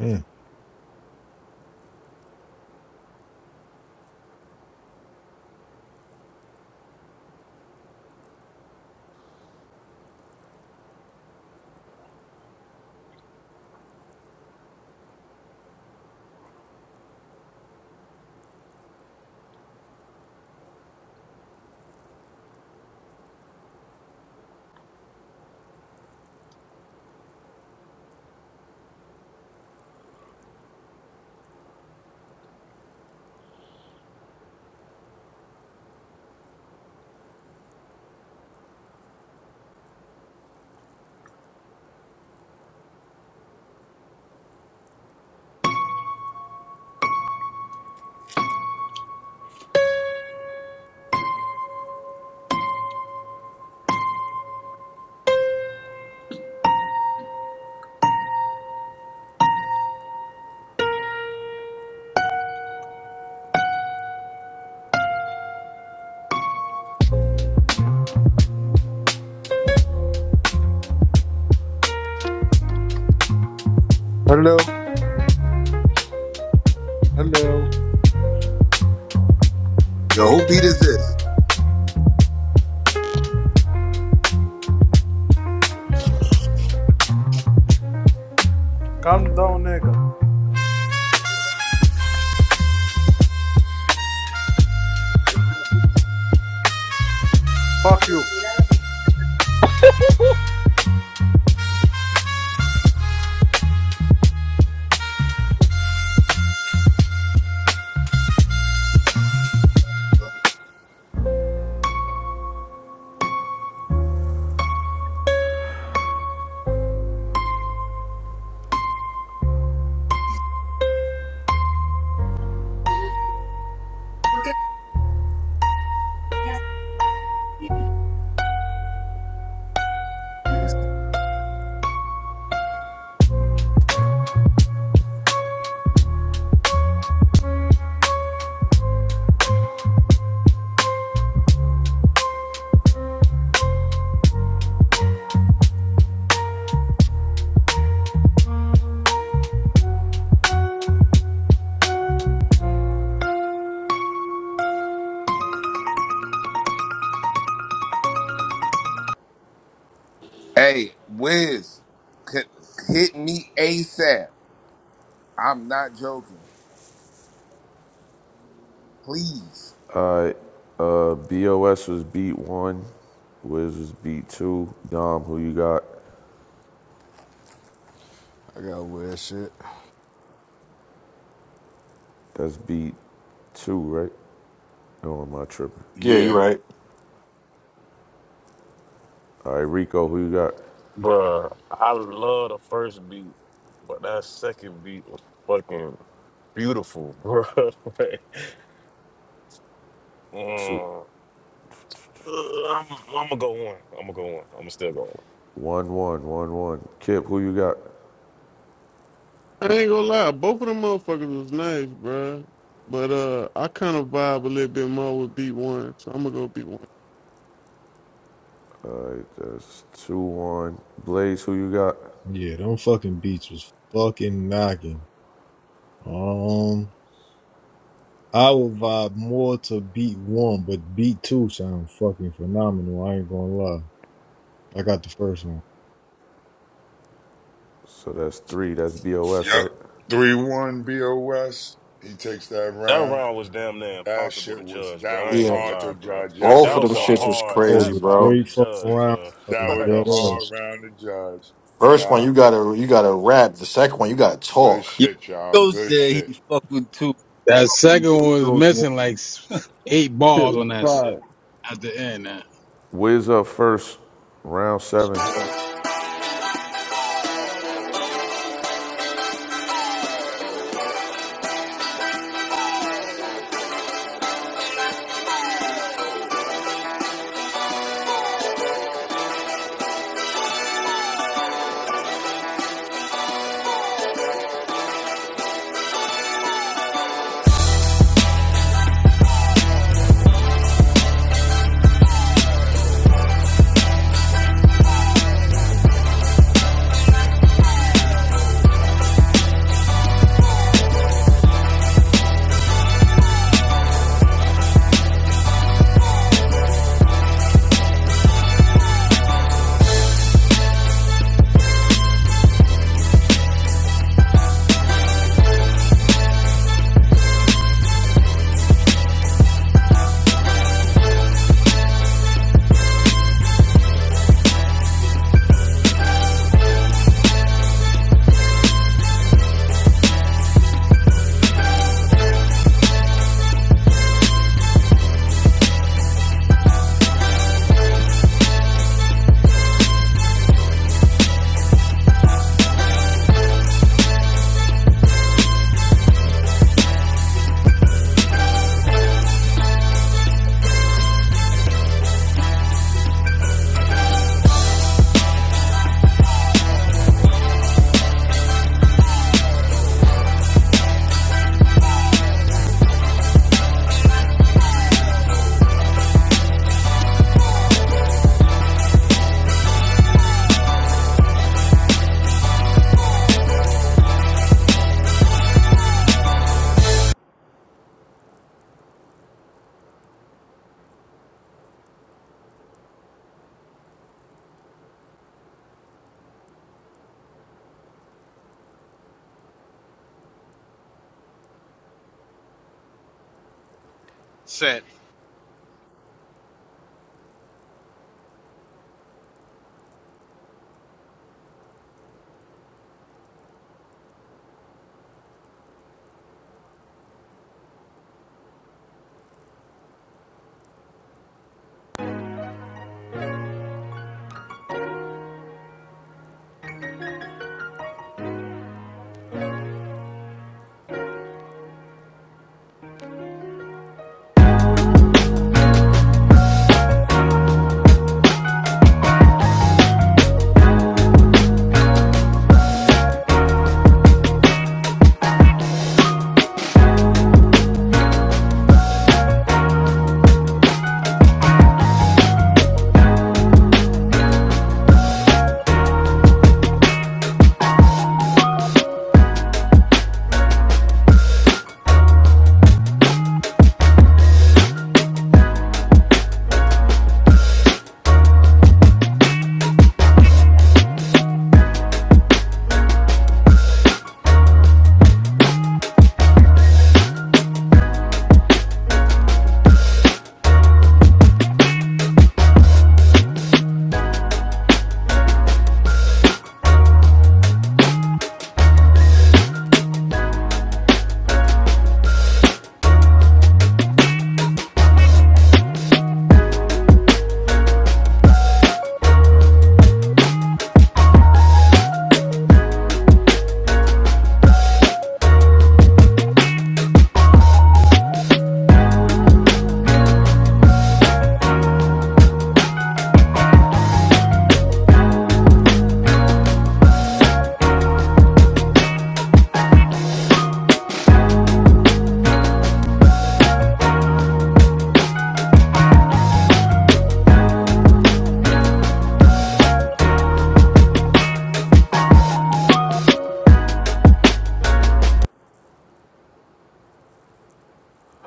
[SPEAKER 7] Mm.
[SPEAKER 30] Hello, hello.
[SPEAKER 25] Yo, who beat is this?
[SPEAKER 30] Calm down, nigga. Fuck you.
[SPEAKER 25] Hey, Wiz, c- hit me ASAP. I'm not joking. Please.
[SPEAKER 2] All right, uh, BOS was beat one, Wiz was beat two. Dom, who you got?
[SPEAKER 24] I got weird shit.
[SPEAKER 2] That's beat two, right? No, am I tripping?
[SPEAKER 4] Yeah, you
[SPEAKER 11] Yeah.
[SPEAKER 4] right.
[SPEAKER 2] All right, Rico, who you got?
[SPEAKER 19] one. Bruh, I love the first beat, but that second beat was fucking beautiful, bro. like,
[SPEAKER 2] Two.
[SPEAKER 19] uh, I'm, I'm gonna go one. I'm gonna go one. I'm gonna still go one.
[SPEAKER 2] One, one, one, one. Kip, who you got?
[SPEAKER 18] I ain't gonna lie, both of them motherfuckers was nice, bro. But uh, I kind of vibe a little bit more with B1, so I'm gonna go B1.
[SPEAKER 2] All right, that's two, one. Blaze, who you got?
[SPEAKER 7] Yeah, them fucking beats was fucking knocking. Um, I would vibe more to beat one, but beat two sound fucking phenomenal. I ain't gonna lie. I got the first one.
[SPEAKER 2] So that's three. That's BOS,
[SPEAKER 11] Yep.
[SPEAKER 2] right?
[SPEAKER 11] Three one BOS. He takes that
[SPEAKER 19] That
[SPEAKER 11] round.
[SPEAKER 19] round was damn near
[SPEAKER 11] That
[SPEAKER 19] impossible
[SPEAKER 11] shit
[SPEAKER 19] to
[SPEAKER 11] was
[SPEAKER 19] judge, bro.
[SPEAKER 11] that
[SPEAKER 19] I
[SPEAKER 11] was
[SPEAKER 19] ain't
[SPEAKER 4] Yeah,
[SPEAKER 19] gonna
[SPEAKER 11] hard
[SPEAKER 19] lie,
[SPEAKER 11] to
[SPEAKER 19] bro.
[SPEAKER 11] judge. Yes
[SPEAKER 19] That
[SPEAKER 4] both
[SPEAKER 11] it
[SPEAKER 4] of them
[SPEAKER 19] was a
[SPEAKER 4] shits
[SPEAKER 11] was.
[SPEAKER 4] was
[SPEAKER 19] hard.
[SPEAKER 7] That was
[SPEAKER 4] crazy,
[SPEAKER 19] That's
[SPEAKER 7] a
[SPEAKER 19] hard
[SPEAKER 4] bro.
[SPEAKER 19] to
[SPEAKER 7] great fucking
[SPEAKER 19] judge,
[SPEAKER 7] round.
[SPEAKER 19] cuz.
[SPEAKER 11] That
[SPEAKER 7] Brothers
[SPEAKER 11] was
[SPEAKER 19] Like,
[SPEAKER 11] a
[SPEAKER 7] dead
[SPEAKER 11] hard
[SPEAKER 7] ass.
[SPEAKER 11] round to judge.
[SPEAKER 4] First one,
[SPEAKER 11] Yeah.
[SPEAKER 4] you gotta you gotta rap. The second one, you gotta
[SPEAKER 11] Good
[SPEAKER 4] talk.
[SPEAKER 27] Yo,
[SPEAKER 11] shit, y'all.
[SPEAKER 27] Rico
[SPEAKER 11] Good
[SPEAKER 27] said
[SPEAKER 11] shit.
[SPEAKER 27] he fucked with two.
[SPEAKER 21] That
[SPEAKER 27] He
[SPEAKER 21] second one was
[SPEAKER 27] chose one.
[SPEAKER 21] missing like s- eight
[SPEAKER 14] that shit
[SPEAKER 21] balls
[SPEAKER 14] was
[SPEAKER 21] on that shit.
[SPEAKER 14] fire.
[SPEAKER 21] at the end. Uh,
[SPEAKER 2] Wiz up first, round seven.
[SPEAKER 21] Yo,
[SPEAKER 13] Sent.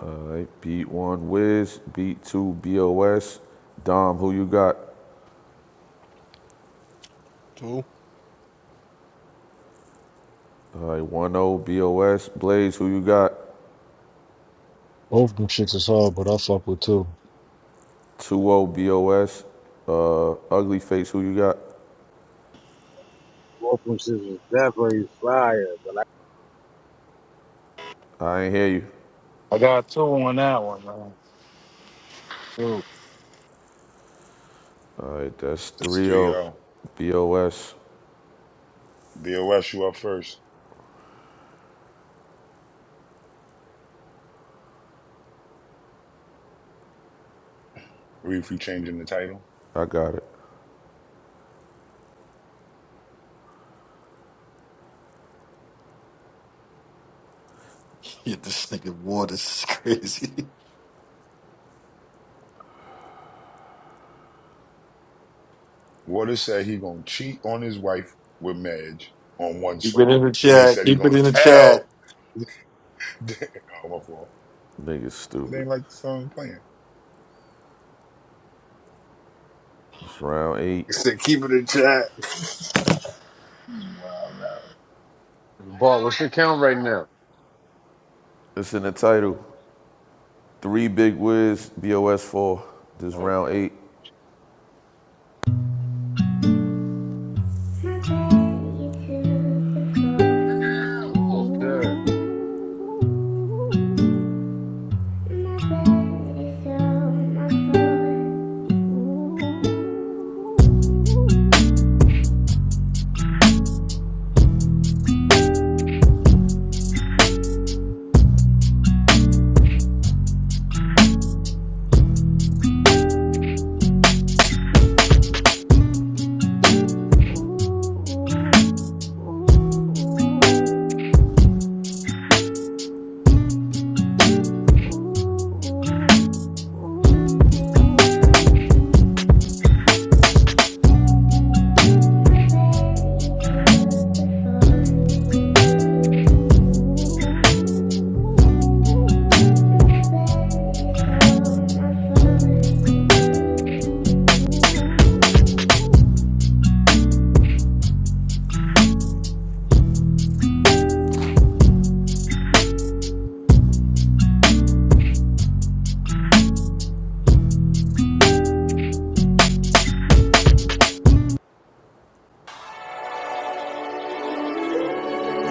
[SPEAKER 2] All right, beat one, Wiz. Beat two, BOS. Dom, who you got?
[SPEAKER 24] Two.
[SPEAKER 2] All right, 1 0 BOS. Blaze, who you got?
[SPEAKER 7] Both of them shits is hard, but I fuck with two.
[SPEAKER 2] 2 0 BOS. Uh, ugly Face, who you got?
[SPEAKER 21] Wolfram shit was definitely fire, but
[SPEAKER 2] I ain't hear you.
[SPEAKER 21] I I got two on that one, man. do.
[SPEAKER 2] All right, that's
[SPEAKER 11] That's
[SPEAKER 2] 3
[SPEAKER 11] three
[SPEAKER 2] 0
[SPEAKER 11] zero BOS, you up first. Reef, you changing the title.
[SPEAKER 2] got it.
[SPEAKER 4] Yeah, this nigga Waters is crazy.
[SPEAKER 11] Water said he gonna cheat on his wife with Madge on one
[SPEAKER 4] Keep it
[SPEAKER 11] song.
[SPEAKER 4] in the
[SPEAKER 11] Then he
[SPEAKER 4] chat.
[SPEAKER 11] said he
[SPEAKER 4] Keep it
[SPEAKER 11] gonna
[SPEAKER 4] in the chat.
[SPEAKER 11] tell. Damn, oh, my fault.
[SPEAKER 2] Nigga's
[SPEAKER 11] It
[SPEAKER 2] stupid.
[SPEAKER 11] ain't like the song playing.
[SPEAKER 2] It's round eight.
[SPEAKER 27] He said keep it in chat.
[SPEAKER 29] Ball, what's your count right now?
[SPEAKER 2] It's in the title. Three big wiz, BOS four. This round
[SPEAKER 29] Okay,
[SPEAKER 2] eight.
[SPEAKER 29] okay.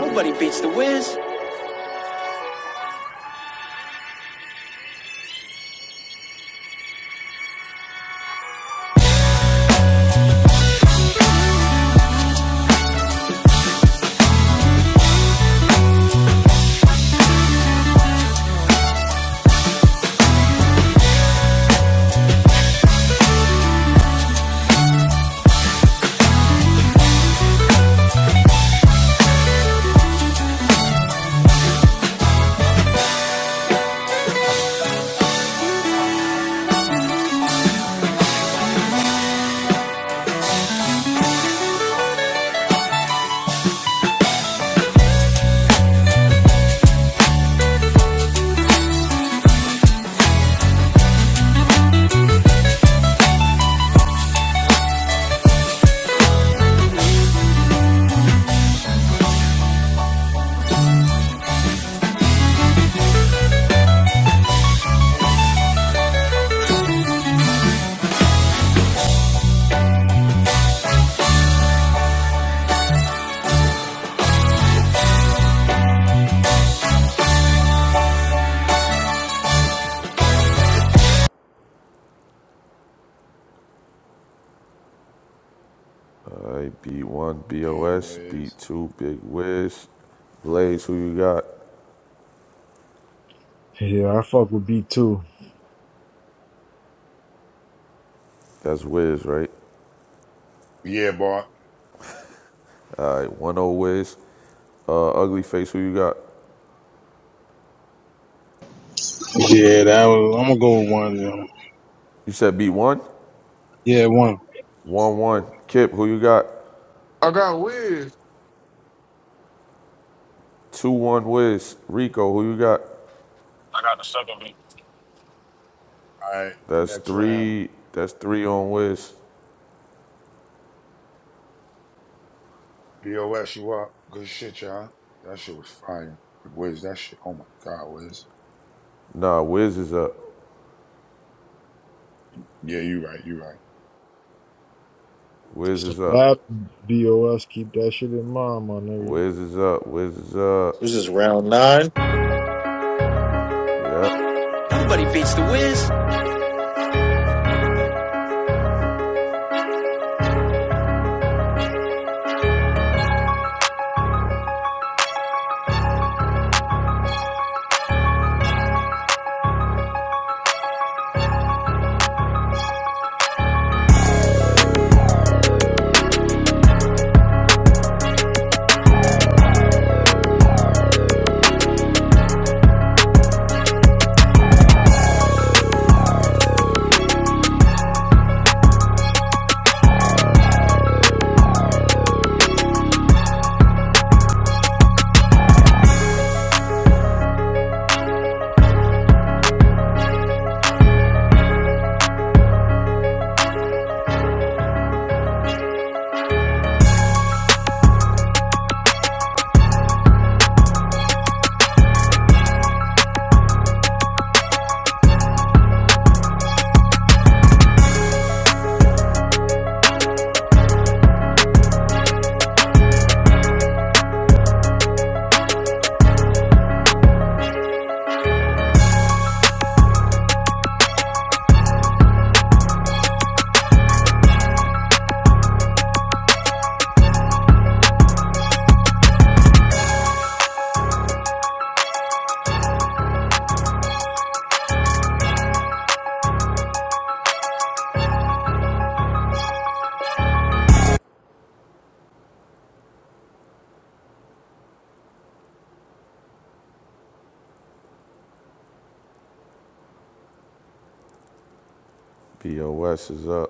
[SPEAKER 28] Nobody beats the whiz.
[SPEAKER 2] I beat one
[SPEAKER 11] Damn,
[SPEAKER 2] BOS, beat
[SPEAKER 11] Wiz.
[SPEAKER 2] two big wiz. Blaze, who you got?
[SPEAKER 7] Yeah, I fuck with B two.
[SPEAKER 2] That's Wiz, right?
[SPEAKER 11] Yeah, boy. All
[SPEAKER 2] All right, one oh Wiz. Uh, ugly face, who you got?
[SPEAKER 21] yeah, that was. I'm gonna go with one. You know.
[SPEAKER 2] You said beat one?
[SPEAKER 21] Yeah, one.
[SPEAKER 2] One one. Kip, who you got?
[SPEAKER 18] I got Wiz.
[SPEAKER 2] Two one Wiz. Rico, who you got?
[SPEAKER 19] I got the second beat.
[SPEAKER 11] right,
[SPEAKER 2] That's
[SPEAKER 11] next round.
[SPEAKER 2] three. That's three on Wiz.
[SPEAKER 11] BOS, you up? Good shit, y'all. That shit was fire. But Wiz, that shit, oh my God, Wiz.
[SPEAKER 2] Nah, Wiz is up.
[SPEAKER 11] Yeah, you right, you
[SPEAKER 2] Wiz
[SPEAKER 7] It's a
[SPEAKER 2] is up.
[SPEAKER 7] battle. BOS. Keep that shit in mind, my nigga.
[SPEAKER 2] Wiz is up. Wiz is up.
[SPEAKER 4] This is round nine.
[SPEAKER 2] Yep.
[SPEAKER 28] Nobody beats the whiz.
[SPEAKER 2] BOS is up.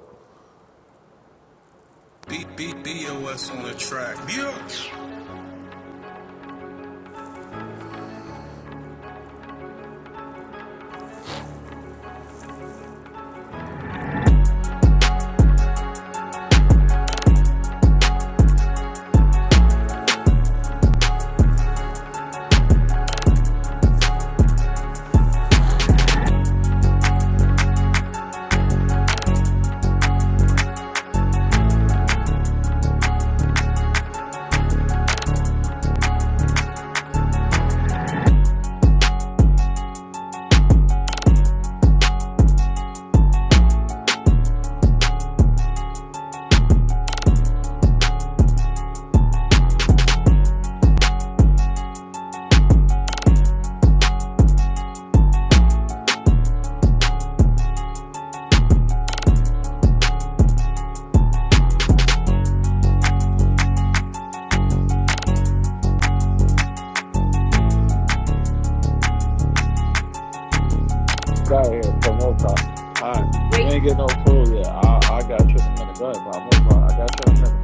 [SPEAKER 8] Get out of here, Pop. Move, Pop. All right. Wait. You ain't get no food yet. I, I got you in a minute. Go ahead, Pop. Move, I got you in a minute.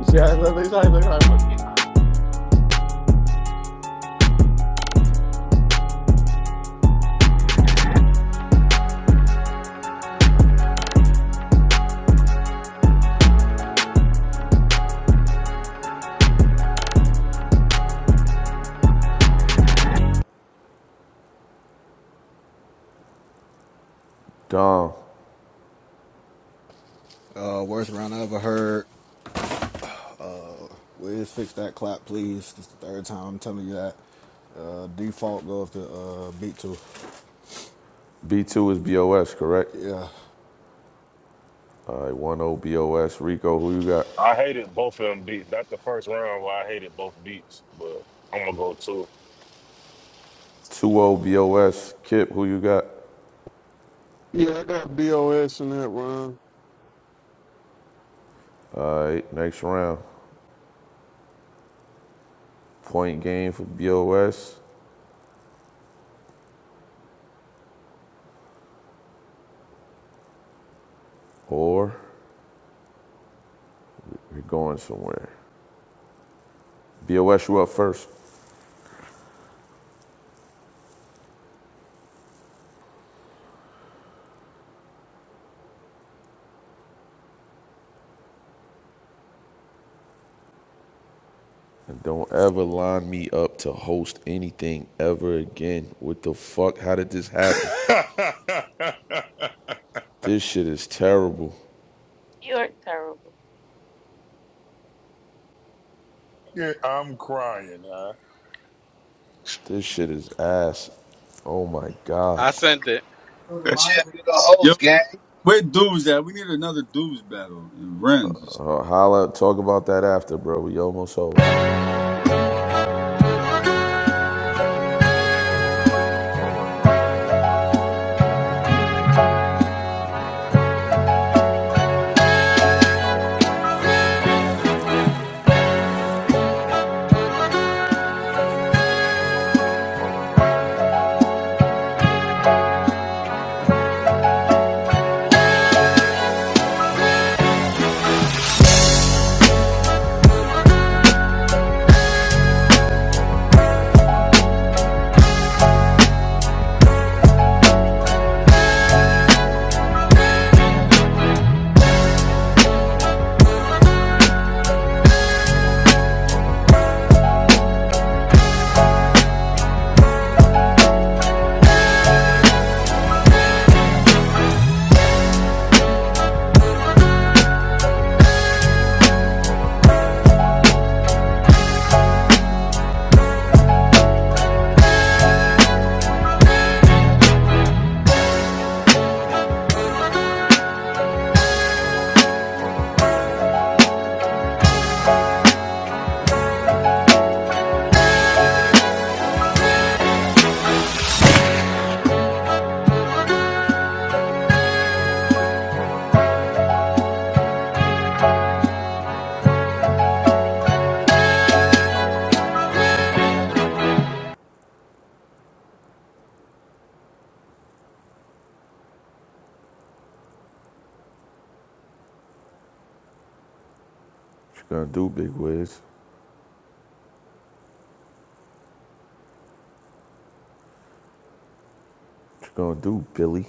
[SPEAKER 8] You see how he look? He's like, he's like, what?
[SPEAKER 2] Dom,
[SPEAKER 24] Uh, worst round I ever heard. Uh, Wiz, fix that clap, please. This is the third time I'm telling you that. Uh, default goes to uh, beat two.
[SPEAKER 2] B2 is BOS, correct?
[SPEAKER 24] Yeah.
[SPEAKER 2] All right, 1 BOS. Rico, who you got?
[SPEAKER 19] I hated both of them beats. That's the first round where I hated both beats, but I'm gonna go two.
[SPEAKER 2] 20 BOS. Kip, who you got?
[SPEAKER 18] Yeah, I got BOS in that round.
[SPEAKER 2] All right, next round. Point game for BOS, or you are going somewhere. BOS, you up first. And don't ever line me up to host anything ever again. What the fuck? How did this happen?
[SPEAKER 11] right.
[SPEAKER 2] This shit is terrible.
[SPEAKER 9] You're terrible.
[SPEAKER 11] yeah, I'm crying, huh?
[SPEAKER 2] This shit is ass. Oh my God.
[SPEAKER 13] I sent it.
[SPEAKER 31] Chip, you the
[SPEAKER 27] Yo,
[SPEAKER 31] host, gang.
[SPEAKER 27] where dudes at? We need another dudes battle and Ren's.
[SPEAKER 2] Uh, holla, talk about that after, bro. We almost over. What you gonna do, Big Wiz? What you gonna do, Billy?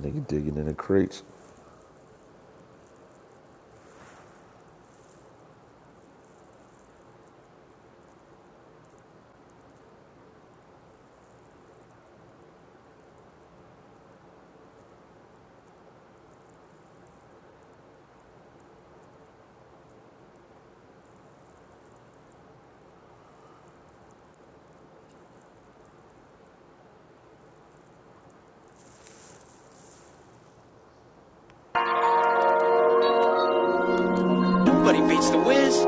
[SPEAKER 2] Nigga digging in the crates.
[SPEAKER 28] Nobody beats the whiz.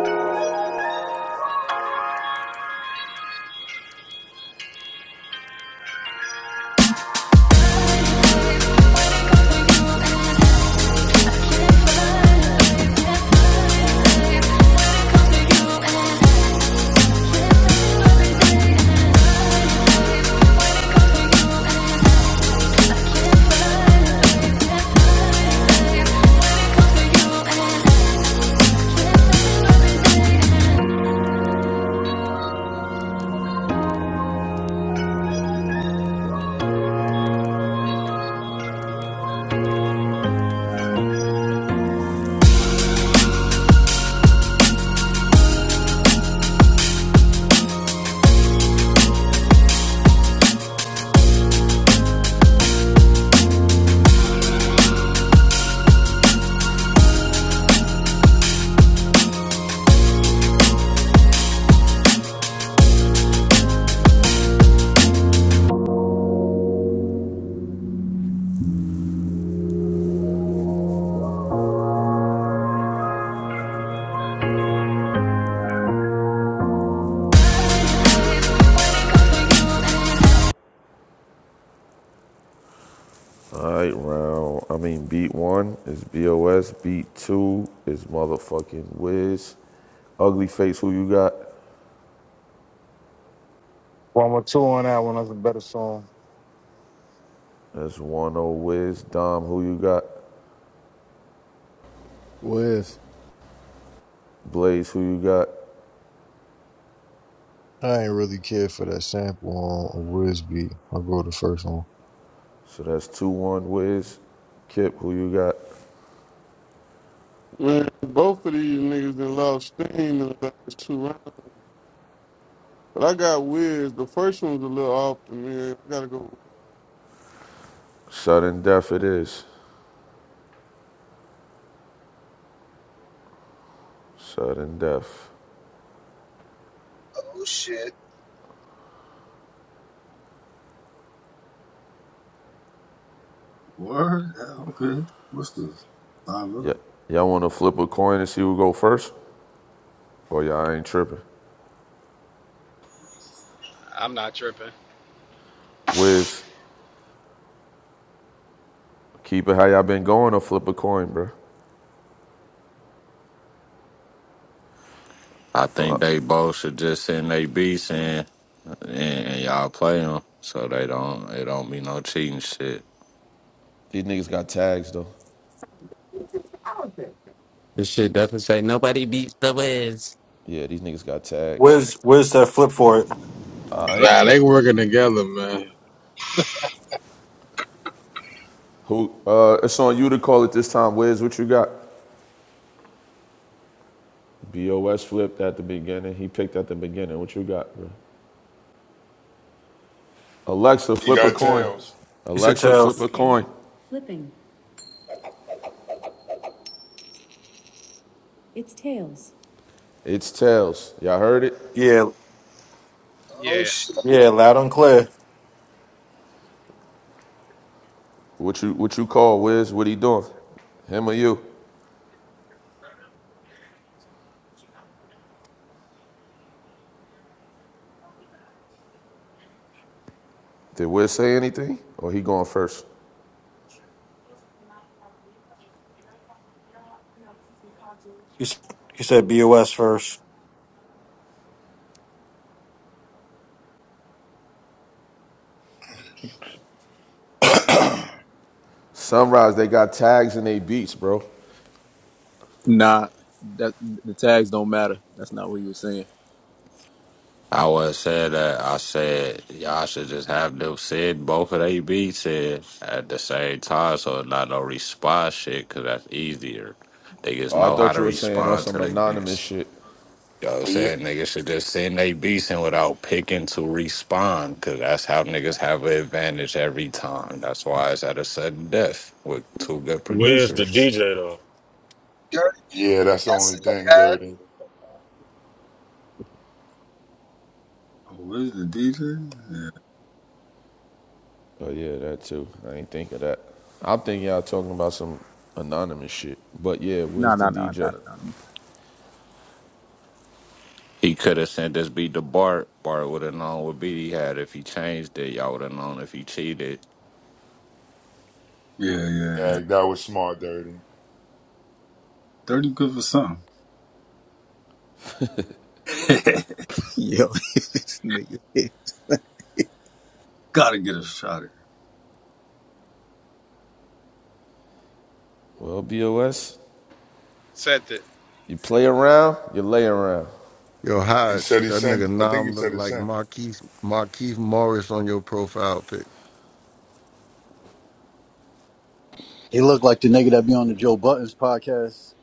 [SPEAKER 2] Alright, round. I mean, beat one is BOS. Beat two is motherfucking Wiz. Ugly Face, who you got?
[SPEAKER 21] One with two on that one. That's a better song.
[SPEAKER 2] That's one O Wiz. Dom, who you got?
[SPEAKER 24] Wiz,
[SPEAKER 2] Blaze, who you got?
[SPEAKER 7] I ain't really care for that sample on, a Wiz beat. I'll go with the first one.
[SPEAKER 2] So that's 2 1 Wiz. Kip, who you got?
[SPEAKER 18] Man, both of these niggas done lost steam in the last two rounds. But I got Wiz. The first one was a little off to me. I gotta go.
[SPEAKER 2] Sudden death it is. Sudden death.
[SPEAKER 31] Oh shit.
[SPEAKER 27] Word? Yeah, okay. What's this? I
[SPEAKER 2] Yeah.
[SPEAKER 27] love.
[SPEAKER 2] Y'all wanna flip a coin and see who go first? Or y'all ain't tripping?
[SPEAKER 13] I'm not tripping.
[SPEAKER 2] Wiz, Keep it how y'all been going or flip a coin, bro.
[SPEAKER 32] I think they both should just send they beats in, and, and y'all play them so they don't it don't be no cheating shit.
[SPEAKER 2] These niggas got tags though.
[SPEAKER 23] This shit definitely say nobody beats the Wiz.
[SPEAKER 2] Yeah, these niggas got tags.
[SPEAKER 4] Where's where's that flip for it?
[SPEAKER 2] Alright.
[SPEAKER 21] Nah, they working together, man.
[SPEAKER 2] Who uh it's on you to call it this time, Wiz. What you got? BOS flipped at the beginning. He picked at the beginning. What you got, bro? Alexa,
[SPEAKER 11] He
[SPEAKER 2] flip a
[SPEAKER 11] got
[SPEAKER 2] coin.
[SPEAKER 11] tails.
[SPEAKER 4] He said
[SPEAKER 2] Alexa,
[SPEAKER 4] tell
[SPEAKER 2] flip a coin. It's tails. Y'all heard it?
[SPEAKER 4] yeah,
[SPEAKER 31] Oh
[SPEAKER 13] Yeah,
[SPEAKER 31] shit.
[SPEAKER 4] yeah, loud and clear.
[SPEAKER 2] What you what you call, Wiz? What he doing? Him or you? Did Wiz say anything? Or he going first?
[SPEAKER 4] He, s- he said BOS first."
[SPEAKER 11] but
[SPEAKER 2] Sunrise, they got tags in they beats, bro.
[SPEAKER 33] Nah, that the tags don't matter. That's not what he was saying.
[SPEAKER 32] I was said that I said y'all should just have them said both of they beats in at the same time so it's not no response shit because that's easier. Niggas
[SPEAKER 2] Oh, I
[SPEAKER 32] know how
[SPEAKER 2] thought
[SPEAKER 32] to
[SPEAKER 2] you were saying on
[SPEAKER 32] respond to
[SPEAKER 2] some
[SPEAKER 32] their
[SPEAKER 2] anonymous
[SPEAKER 32] beats.
[SPEAKER 2] shit.
[SPEAKER 32] Yo,
[SPEAKER 11] yeah,
[SPEAKER 32] said niggas should just send they beasting without picking to respond, cause that's how niggas have an advantage every time. That's why it's at a sudden death with two good
[SPEAKER 19] Where's the
[SPEAKER 32] producers.
[SPEAKER 19] DJ though?
[SPEAKER 31] Dirty.
[SPEAKER 11] yeah, that's the
[SPEAKER 31] Yes,
[SPEAKER 11] only
[SPEAKER 31] it
[SPEAKER 11] thing,
[SPEAKER 31] had.
[SPEAKER 11] Dirty.
[SPEAKER 27] Oh, where's the DJ? Yeah,
[SPEAKER 2] Oh yeah, that too. I ain't think of that. I'm thinking y'all talking about some anonymous shit. But yeah, where's
[SPEAKER 33] Nah,
[SPEAKER 2] the
[SPEAKER 33] nah, nah, nah, nah,
[SPEAKER 2] DJ?
[SPEAKER 33] nah. nah, nah.
[SPEAKER 32] He could have sent this beat to Bart. Bart would have known what beat he had if he changed it. Y'all would have known if he cheated.
[SPEAKER 27] yeah, yeah. yeah.
[SPEAKER 11] That, that was smart, Dirty.
[SPEAKER 27] Thirty good for something. Gotta get a shot at. it.
[SPEAKER 2] Well, BOS,
[SPEAKER 13] sent it.
[SPEAKER 2] you play around, you lay around.
[SPEAKER 14] Yo,
[SPEAKER 11] He
[SPEAKER 14] Hodge,
[SPEAKER 11] said he
[SPEAKER 14] that
[SPEAKER 11] sent,
[SPEAKER 14] nigga
[SPEAKER 11] I think he
[SPEAKER 14] Nam look
[SPEAKER 11] said he
[SPEAKER 14] like
[SPEAKER 11] sent.
[SPEAKER 14] Marquise Marquise Morris on your profile pic.
[SPEAKER 1] He looked like the nigga that be on the Joe Buttons podcast.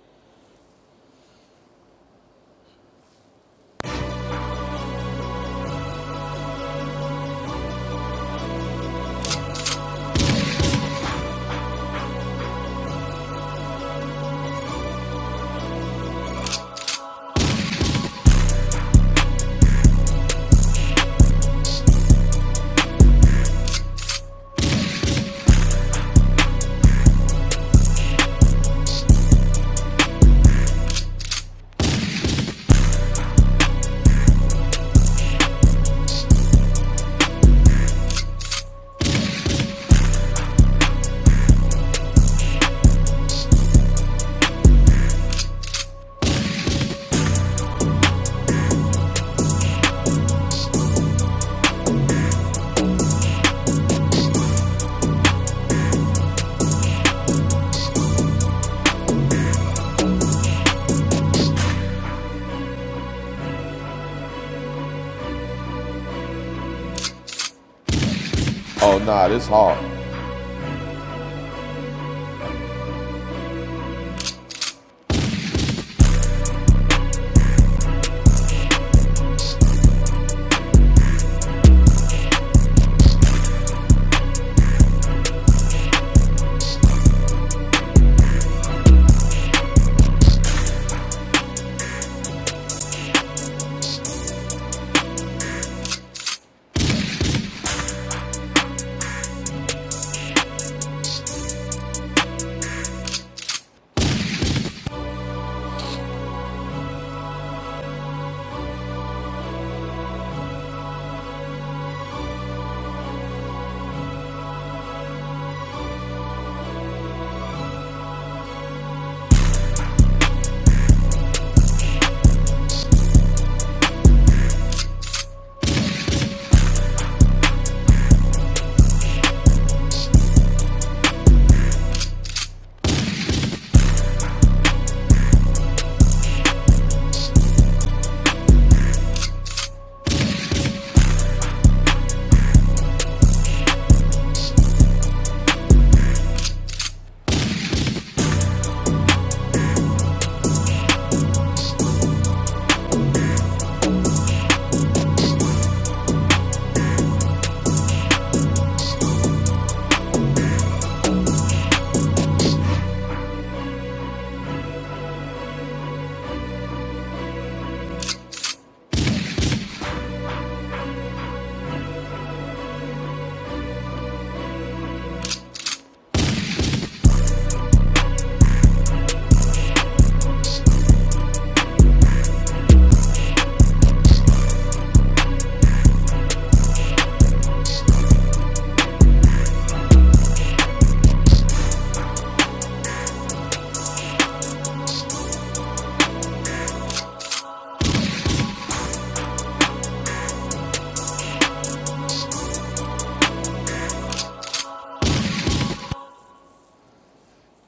[SPEAKER 2] Oh nah, this hard.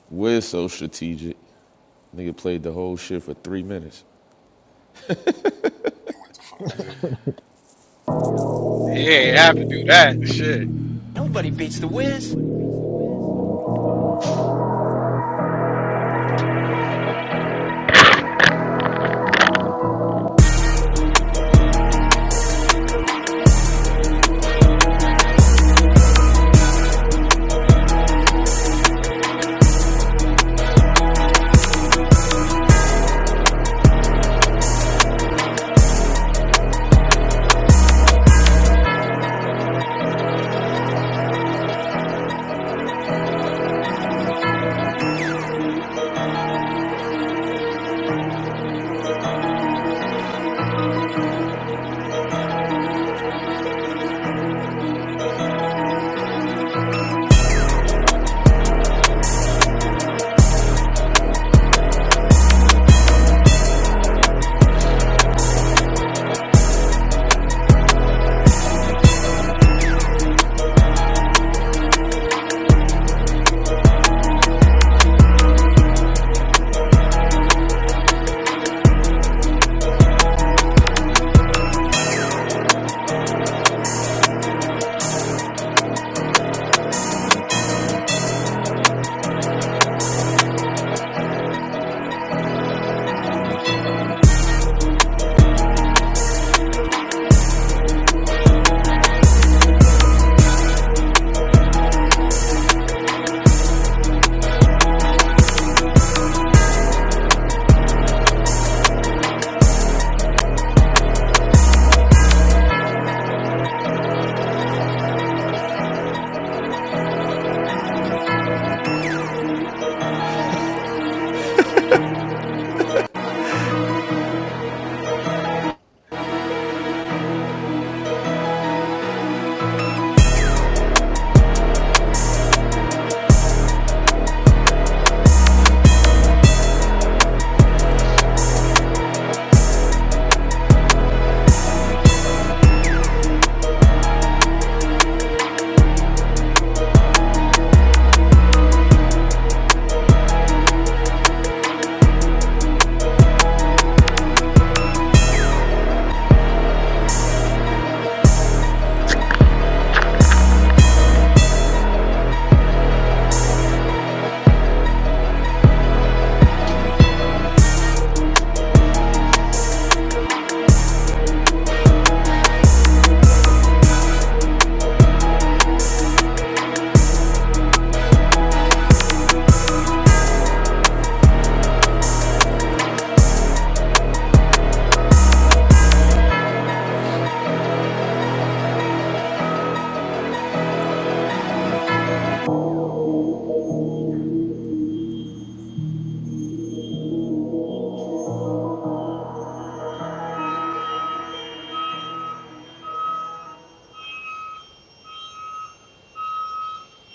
[SPEAKER 2] We're so strategic. Nigga played the whole shit for three minutes.
[SPEAKER 11] He went to find
[SPEAKER 13] He ain't have to do that. Shit.
[SPEAKER 28] Nobody beats the whiz. Nobody beats the whiz.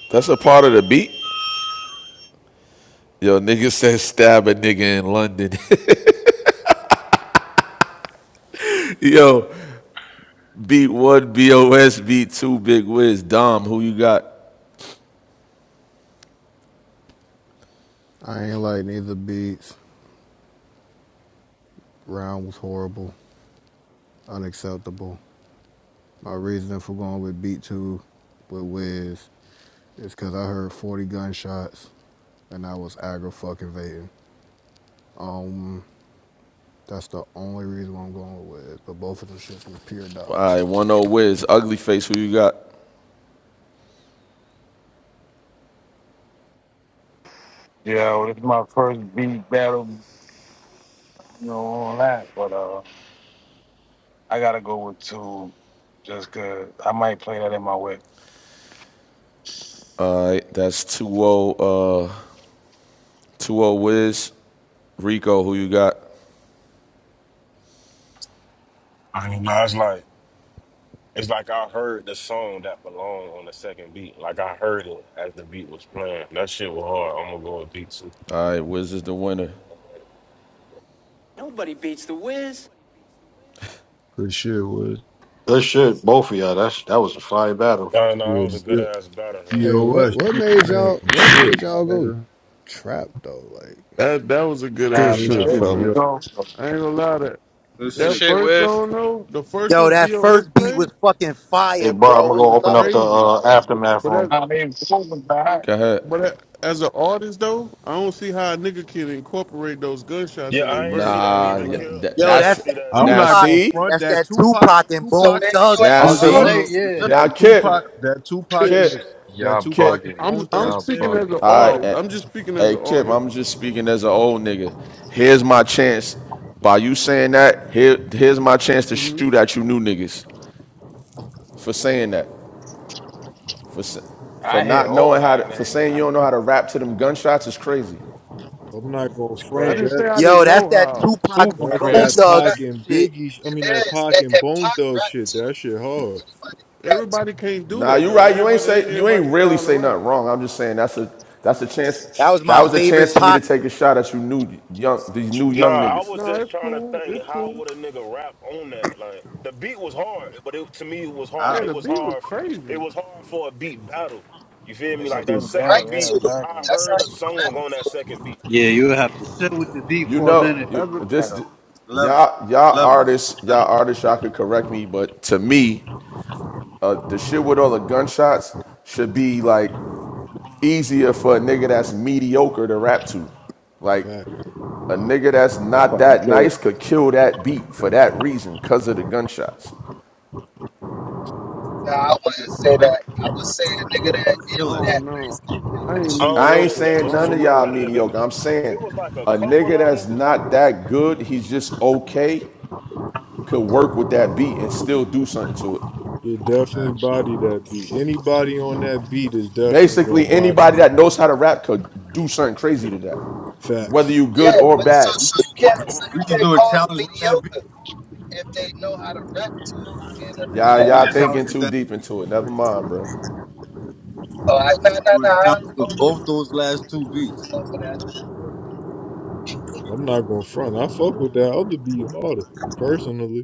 [SPEAKER 2] That's a part of the beat. Yo, nigga said stab a nigga in London. Yo, beat one BOS, beat two Big Wiz. Dom, who you got?
[SPEAKER 24] I ain't like neither beats. Round was horrible, unacceptable. My reasoning for going with beat two with Wiz is because I heard 40 gunshots and I was aggro fucking vating. Um, that's the only reason why I'm going with Wiz. But both of them shits was pure
[SPEAKER 2] All
[SPEAKER 24] dog
[SPEAKER 2] right,
[SPEAKER 24] shit.
[SPEAKER 2] one O Wiz. Ugly Face, who you got?
[SPEAKER 21] Yeah, well, it's my first beat battle, you know, all that. But uh, I gotta go with two, just 'cause I might play that in my whip.
[SPEAKER 2] All right, that's 2 O. uh, Two O Wiz. Rico, who you got?
[SPEAKER 19] I don't know. It's like it's like I heard the song that belonged on the second beat. Like I heard it as the beat was playing. That shit was hard. I'm gonna go with beat two.
[SPEAKER 2] All right, Wiz is the winner.
[SPEAKER 28] Nobody beats the whiz.
[SPEAKER 7] Good shit, Wiz.
[SPEAKER 4] Good shit, both of y'all. That's that was a fire battle.
[SPEAKER 19] No, no, that
[SPEAKER 7] Yeah,
[SPEAKER 19] was a good
[SPEAKER 7] B-
[SPEAKER 19] ass battle. Huh?
[SPEAKER 24] Hey, what
[SPEAKER 7] BOS. You
[SPEAKER 24] what
[SPEAKER 7] was
[SPEAKER 24] made
[SPEAKER 7] playing
[SPEAKER 24] y'all
[SPEAKER 7] some
[SPEAKER 24] what
[SPEAKER 7] shit,
[SPEAKER 24] made
[SPEAKER 7] my
[SPEAKER 24] y'all go
[SPEAKER 7] nigga.
[SPEAKER 24] trap though? Like
[SPEAKER 18] That that was a good
[SPEAKER 14] Good
[SPEAKER 21] Nah,
[SPEAKER 13] Good.
[SPEAKER 18] ass
[SPEAKER 13] sh-
[SPEAKER 21] the
[SPEAKER 7] Good
[SPEAKER 14] shit,
[SPEAKER 18] battle,
[SPEAKER 7] shit,
[SPEAKER 21] two
[SPEAKER 7] B
[SPEAKER 21] is
[SPEAKER 7] O
[SPEAKER 14] fellas.
[SPEAKER 18] bro.
[SPEAKER 21] dope,
[SPEAKER 18] I ain't gonna lie that.
[SPEAKER 27] This
[SPEAKER 13] Good
[SPEAKER 18] That
[SPEAKER 27] shit.
[SPEAKER 13] shit,
[SPEAKER 18] first
[SPEAKER 13] Wiz.
[SPEAKER 18] song though, the first
[SPEAKER 6] Yo,
[SPEAKER 18] one
[SPEAKER 6] that
[SPEAKER 18] BOS
[SPEAKER 6] first beat
[SPEAKER 18] played,
[SPEAKER 6] was fucking
[SPEAKER 4] Hey
[SPEAKER 6] fire,
[SPEAKER 4] bro,
[SPEAKER 6] bro.
[SPEAKER 4] I'm gonna
[SPEAKER 18] it
[SPEAKER 6] What's
[SPEAKER 4] go
[SPEAKER 18] was
[SPEAKER 4] open
[SPEAKER 6] up
[SPEAKER 4] up
[SPEAKER 6] with
[SPEAKER 4] the
[SPEAKER 6] that?
[SPEAKER 18] crazy.
[SPEAKER 4] uh,
[SPEAKER 21] but, uh,
[SPEAKER 4] aftermath
[SPEAKER 18] But
[SPEAKER 4] room.
[SPEAKER 18] that
[SPEAKER 21] nah, they improving, but I
[SPEAKER 2] Go ahead.
[SPEAKER 18] but that, as an artist though, I don't see how a nigga can incorporate those gunshots
[SPEAKER 19] Yeah,
[SPEAKER 18] in their
[SPEAKER 19] I ain't see
[SPEAKER 18] verse. I
[SPEAKER 19] that
[SPEAKER 18] ain't
[SPEAKER 2] Nah,
[SPEAKER 18] gonna
[SPEAKER 19] either,
[SPEAKER 2] yeah,
[SPEAKER 18] lie.
[SPEAKER 19] Kill.
[SPEAKER 2] that,
[SPEAKER 6] Yo,
[SPEAKER 19] I ain't
[SPEAKER 2] that's
[SPEAKER 6] that's
[SPEAKER 19] see
[SPEAKER 6] that
[SPEAKER 19] that
[SPEAKER 7] am
[SPEAKER 2] now
[SPEAKER 19] either.
[SPEAKER 7] not
[SPEAKER 6] Tupac.
[SPEAKER 7] gonna
[SPEAKER 2] see,
[SPEAKER 7] front
[SPEAKER 6] That's
[SPEAKER 7] that
[SPEAKER 6] that
[SPEAKER 7] Tupac.
[SPEAKER 6] Tupac and
[SPEAKER 31] So
[SPEAKER 6] Bone
[SPEAKER 7] Tupac.
[SPEAKER 31] maybe
[SPEAKER 6] Thug
[SPEAKER 31] you ain't
[SPEAKER 27] It
[SPEAKER 1] I
[SPEAKER 2] now
[SPEAKER 1] was
[SPEAKER 27] was
[SPEAKER 6] shit,
[SPEAKER 31] an
[SPEAKER 27] a
[SPEAKER 1] gonna
[SPEAKER 6] bro.
[SPEAKER 2] see,
[SPEAKER 1] say,
[SPEAKER 27] little
[SPEAKER 31] artist.
[SPEAKER 1] yeah.
[SPEAKER 27] just
[SPEAKER 2] now
[SPEAKER 7] That
[SPEAKER 27] a little-
[SPEAKER 7] Tupac,
[SPEAKER 2] Kip,
[SPEAKER 7] that Tupac,
[SPEAKER 34] pitch
[SPEAKER 7] and,
[SPEAKER 2] Kip,
[SPEAKER 7] that
[SPEAKER 29] Y'all
[SPEAKER 7] Tupac and
[SPEAKER 2] Kip.
[SPEAKER 29] bugging,
[SPEAKER 18] I'm
[SPEAKER 7] Bone
[SPEAKER 18] I'm
[SPEAKER 7] Thug
[SPEAKER 29] y'all
[SPEAKER 18] speaking
[SPEAKER 7] sample
[SPEAKER 18] as
[SPEAKER 29] bugging.
[SPEAKER 18] an
[SPEAKER 7] was
[SPEAKER 2] All right,
[SPEAKER 18] artist.
[SPEAKER 7] hard.
[SPEAKER 2] eh,
[SPEAKER 18] I'm just speaking as an
[SPEAKER 2] hey Kip,
[SPEAKER 18] artist.
[SPEAKER 2] I'm just speaking as an old nigga. Here's my chance. By you saying that, here, here's my chance to
[SPEAKER 18] hmm
[SPEAKER 2] shoot at you new niggas for saying that. For for
[SPEAKER 21] I hear
[SPEAKER 2] not
[SPEAKER 21] all
[SPEAKER 2] knowing how
[SPEAKER 21] that.
[SPEAKER 2] to,
[SPEAKER 21] Like,
[SPEAKER 2] for
[SPEAKER 21] you
[SPEAKER 2] saying you
[SPEAKER 21] know,
[SPEAKER 2] don't know how to rap to them gunshots is crazy.
[SPEAKER 7] I'm not gonna
[SPEAKER 21] it's
[SPEAKER 18] I
[SPEAKER 7] front
[SPEAKER 18] didn't
[SPEAKER 21] crazy.
[SPEAKER 18] say
[SPEAKER 7] that.
[SPEAKER 18] I
[SPEAKER 6] Yo,
[SPEAKER 18] didn't
[SPEAKER 6] that's
[SPEAKER 18] know
[SPEAKER 6] that
[SPEAKER 18] how.
[SPEAKER 6] Tupac
[SPEAKER 21] Super
[SPEAKER 7] That's
[SPEAKER 6] Bone
[SPEAKER 31] That's
[SPEAKER 7] that
[SPEAKER 21] creative.
[SPEAKER 31] a
[SPEAKER 7] Pac
[SPEAKER 31] fact.
[SPEAKER 21] son.
[SPEAKER 6] Thugs
[SPEAKER 7] and
[SPEAKER 6] shit.
[SPEAKER 7] Biggie. sh- I mean that
[SPEAKER 31] It is.
[SPEAKER 7] Pac
[SPEAKER 31] And,
[SPEAKER 7] and
[SPEAKER 31] and
[SPEAKER 7] Bone
[SPEAKER 31] Pac
[SPEAKER 7] Thug
[SPEAKER 31] rap
[SPEAKER 7] shit.
[SPEAKER 31] to
[SPEAKER 7] That shit hard.
[SPEAKER 31] it. Anybody can rap to
[SPEAKER 18] Everybody can't do
[SPEAKER 2] Nah,
[SPEAKER 18] that
[SPEAKER 2] you
[SPEAKER 18] though.
[SPEAKER 2] right. You ain't
[SPEAKER 18] Everybody ain't
[SPEAKER 2] say you
[SPEAKER 18] everybody
[SPEAKER 2] ain't really
[SPEAKER 18] style of
[SPEAKER 2] say
[SPEAKER 18] rap.
[SPEAKER 2] nothing wrong. I'm just saying that's a that's a chance.
[SPEAKER 6] That was
[SPEAKER 2] That
[SPEAKER 6] my
[SPEAKER 2] was a chance
[SPEAKER 6] favorite
[SPEAKER 2] for me to
[SPEAKER 6] Pac
[SPEAKER 2] take
[SPEAKER 6] song.
[SPEAKER 2] a shot at you new young these new
[SPEAKER 19] Nah,
[SPEAKER 2] young
[SPEAKER 19] I
[SPEAKER 2] niggas.
[SPEAKER 19] was
[SPEAKER 18] No,
[SPEAKER 19] just
[SPEAKER 18] it's
[SPEAKER 19] trying to
[SPEAKER 18] cool.
[SPEAKER 19] think
[SPEAKER 18] It's
[SPEAKER 19] how
[SPEAKER 18] cool.
[SPEAKER 19] would a nigga rap on that? Like the beat was hard, but it, to me it was hard.
[SPEAKER 18] Yeah,
[SPEAKER 27] how
[SPEAKER 19] It
[SPEAKER 18] the
[SPEAKER 19] was
[SPEAKER 18] beat was
[SPEAKER 19] hard for it
[SPEAKER 18] crazy.
[SPEAKER 19] was hard for a beat battle. You feel me?
[SPEAKER 21] It's a
[SPEAKER 19] Like that
[SPEAKER 21] blue
[SPEAKER 34] to
[SPEAKER 31] it.
[SPEAKER 21] battle.
[SPEAKER 19] second
[SPEAKER 31] write
[SPEAKER 21] Yeah,
[SPEAKER 31] to
[SPEAKER 19] beat,
[SPEAKER 31] it.
[SPEAKER 21] exactly.
[SPEAKER 19] I
[SPEAKER 31] That's how
[SPEAKER 19] heard a
[SPEAKER 31] you rap
[SPEAKER 19] song on that
[SPEAKER 31] to it.
[SPEAKER 19] second beat.
[SPEAKER 1] Yeah, you would have to sit with the D
[SPEAKER 2] You
[SPEAKER 1] for a
[SPEAKER 2] know,
[SPEAKER 21] It's a blue
[SPEAKER 1] minute.
[SPEAKER 2] you,
[SPEAKER 18] As a,
[SPEAKER 21] battle.
[SPEAKER 2] this
[SPEAKER 27] level
[SPEAKER 2] y'all y'all
[SPEAKER 27] levels
[SPEAKER 2] artists
[SPEAKER 27] level
[SPEAKER 2] y'all artists y'all could correct me, but to me, uh, the shit with all the gunshots should be like easier for a nigga that's mediocre to rap to. Like
[SPEAKER 7] Fact,
[SPEAKER 2] a
[SPEAKER 7] fact.
[SPEAKER 2] nigga that's not
[SPEAKER 34] fucking
[SPEAKER 2] that
[SPEAKER 34] care.
[SPEAKER 2] nice could kill that beat for that reason, cause of the gunshots.
[SPEAKER 31] Nah, I
[SPEAKER 27] nigga
[SPEAKER 31] wouldn't
[SPEAKER 27] that
[SPEAKER 31] say that.
[SPEAKER 27] night.
[SPEAKER 31] I would say a nigga that
[SPEAKER 18] I
[SPEAKER 27] Kill
[SPEAKER 31] is
[SPEAKER 27] that shit,
[SPEAKER 31] that
[SPEAKER 18] don't know.
[SPEAKER 31] nice can kill
[SPEAKER 18] I
[SPEAKER 31] that
[SPEAKER 18] ain't
[SPEAKER 31] shit.
[SPEAKER 19] I don't
[SPEAKER 2] I
[SPEAKER 19] know.
[SPEAKER 2] ain't
[SPEAKER 18] mediocre,
[SPEAKER 19] they, they
[SPEAKER 2] saying
[SPEAKER 19] was
[SPEAKER 18] so I
[SPEAKER 2] none
[SPEAKER 18] don't
[SPEAKER 2] of
[SPEAKER 19] too
[SPEAKER 2] y'all
[SPEAKER 18] know.
[SPEAKER 19] repetitive. If,
[SPEAKER 2] mediocre. I'm
[SPEAKER 19] if it
[SPEAKER 2] saying
[SPEAKER 19] was like a
[SPEAKER 2] a
[SPEAKER 19] couple
[SPEAKER 2] nigga
[SPEAKER 19] of them.
[SPEAKER 2] that's not that good, he's just okay, could work with that beat and still do something to it.
[SPEAKER 7] It
[SPEAKER 27] man.
[SPEAKER 7] definitely body that beat. Anybody on that beat is definitely gonna
[SPEAKER 2] Basically,
[SPEAKER 7] body
[SPEAKER 2] anybody that
[SPEAKER 7] that.
[SPEAKER 2] knows how to rap could do something crazy to that. Whether
[SPEAKER 7] Facts.
[SPEAKER 2] you good
[SPEAKER 31] Yeah,
[SPEAKER 2] or
[SPEAKER 31] but so,
[SPEAKER 2] bad.
[SPEAKER 27] We
[SPEAKER 31] so
[SPEAKER 27] should,
[SPEAKER 31] you can't so
[SPEAKER 27] we
[SPEAKER 31] you
[SPEAKER 27] should
[SPEAKER 31] can't
[SPEAKER 27] do a
[SPEAKER 31] call
[SPEAKER 27] challenge
[SPEAKER 31] them
[SPEAKER 27] with that beat.
[SPEAKER 31] mediocre if they know how to rap to it. And a
[SPEAKER 27] We
[SPEAKER 2] Y'all,
[SPEAKER 27] should
[SPEAKER 31] nigga
[SPEAKER 27] do
[SPEAKER 31] that
[SPEAKER 2] y'all
[SPEAKER 27] a challenge
[SPEAKER 2] thinking
[SPEAKER 27] with
[SPEAKER 2] too
[SPEAKER 27] that.
[SPEAKER 2] deep into it. Never mind, bro.
[SPEAKER 31] oh I nah nah
[SPEAKER 27] Do
[SPEAKER 31] nah
[SPEAKER 27] a
[SPEAKER 31] I,
[SPEAKER 27] challenge
[SPEAKER 31] I
[SPEAKER 27] with
[SPEAKER 31] was just
[SPEAKER 27] both those
[SPEAKER 31] I was
[SPEAKER 27] last two
[SPEAKER 31] just trying to
[SPEAKER 27] beats.
[SPEAKER 31] go off of that.
[SPEAKER 27] Sure.
[SPEAKER 7] I'm not gonna front. I fuck with that other beat harder personally.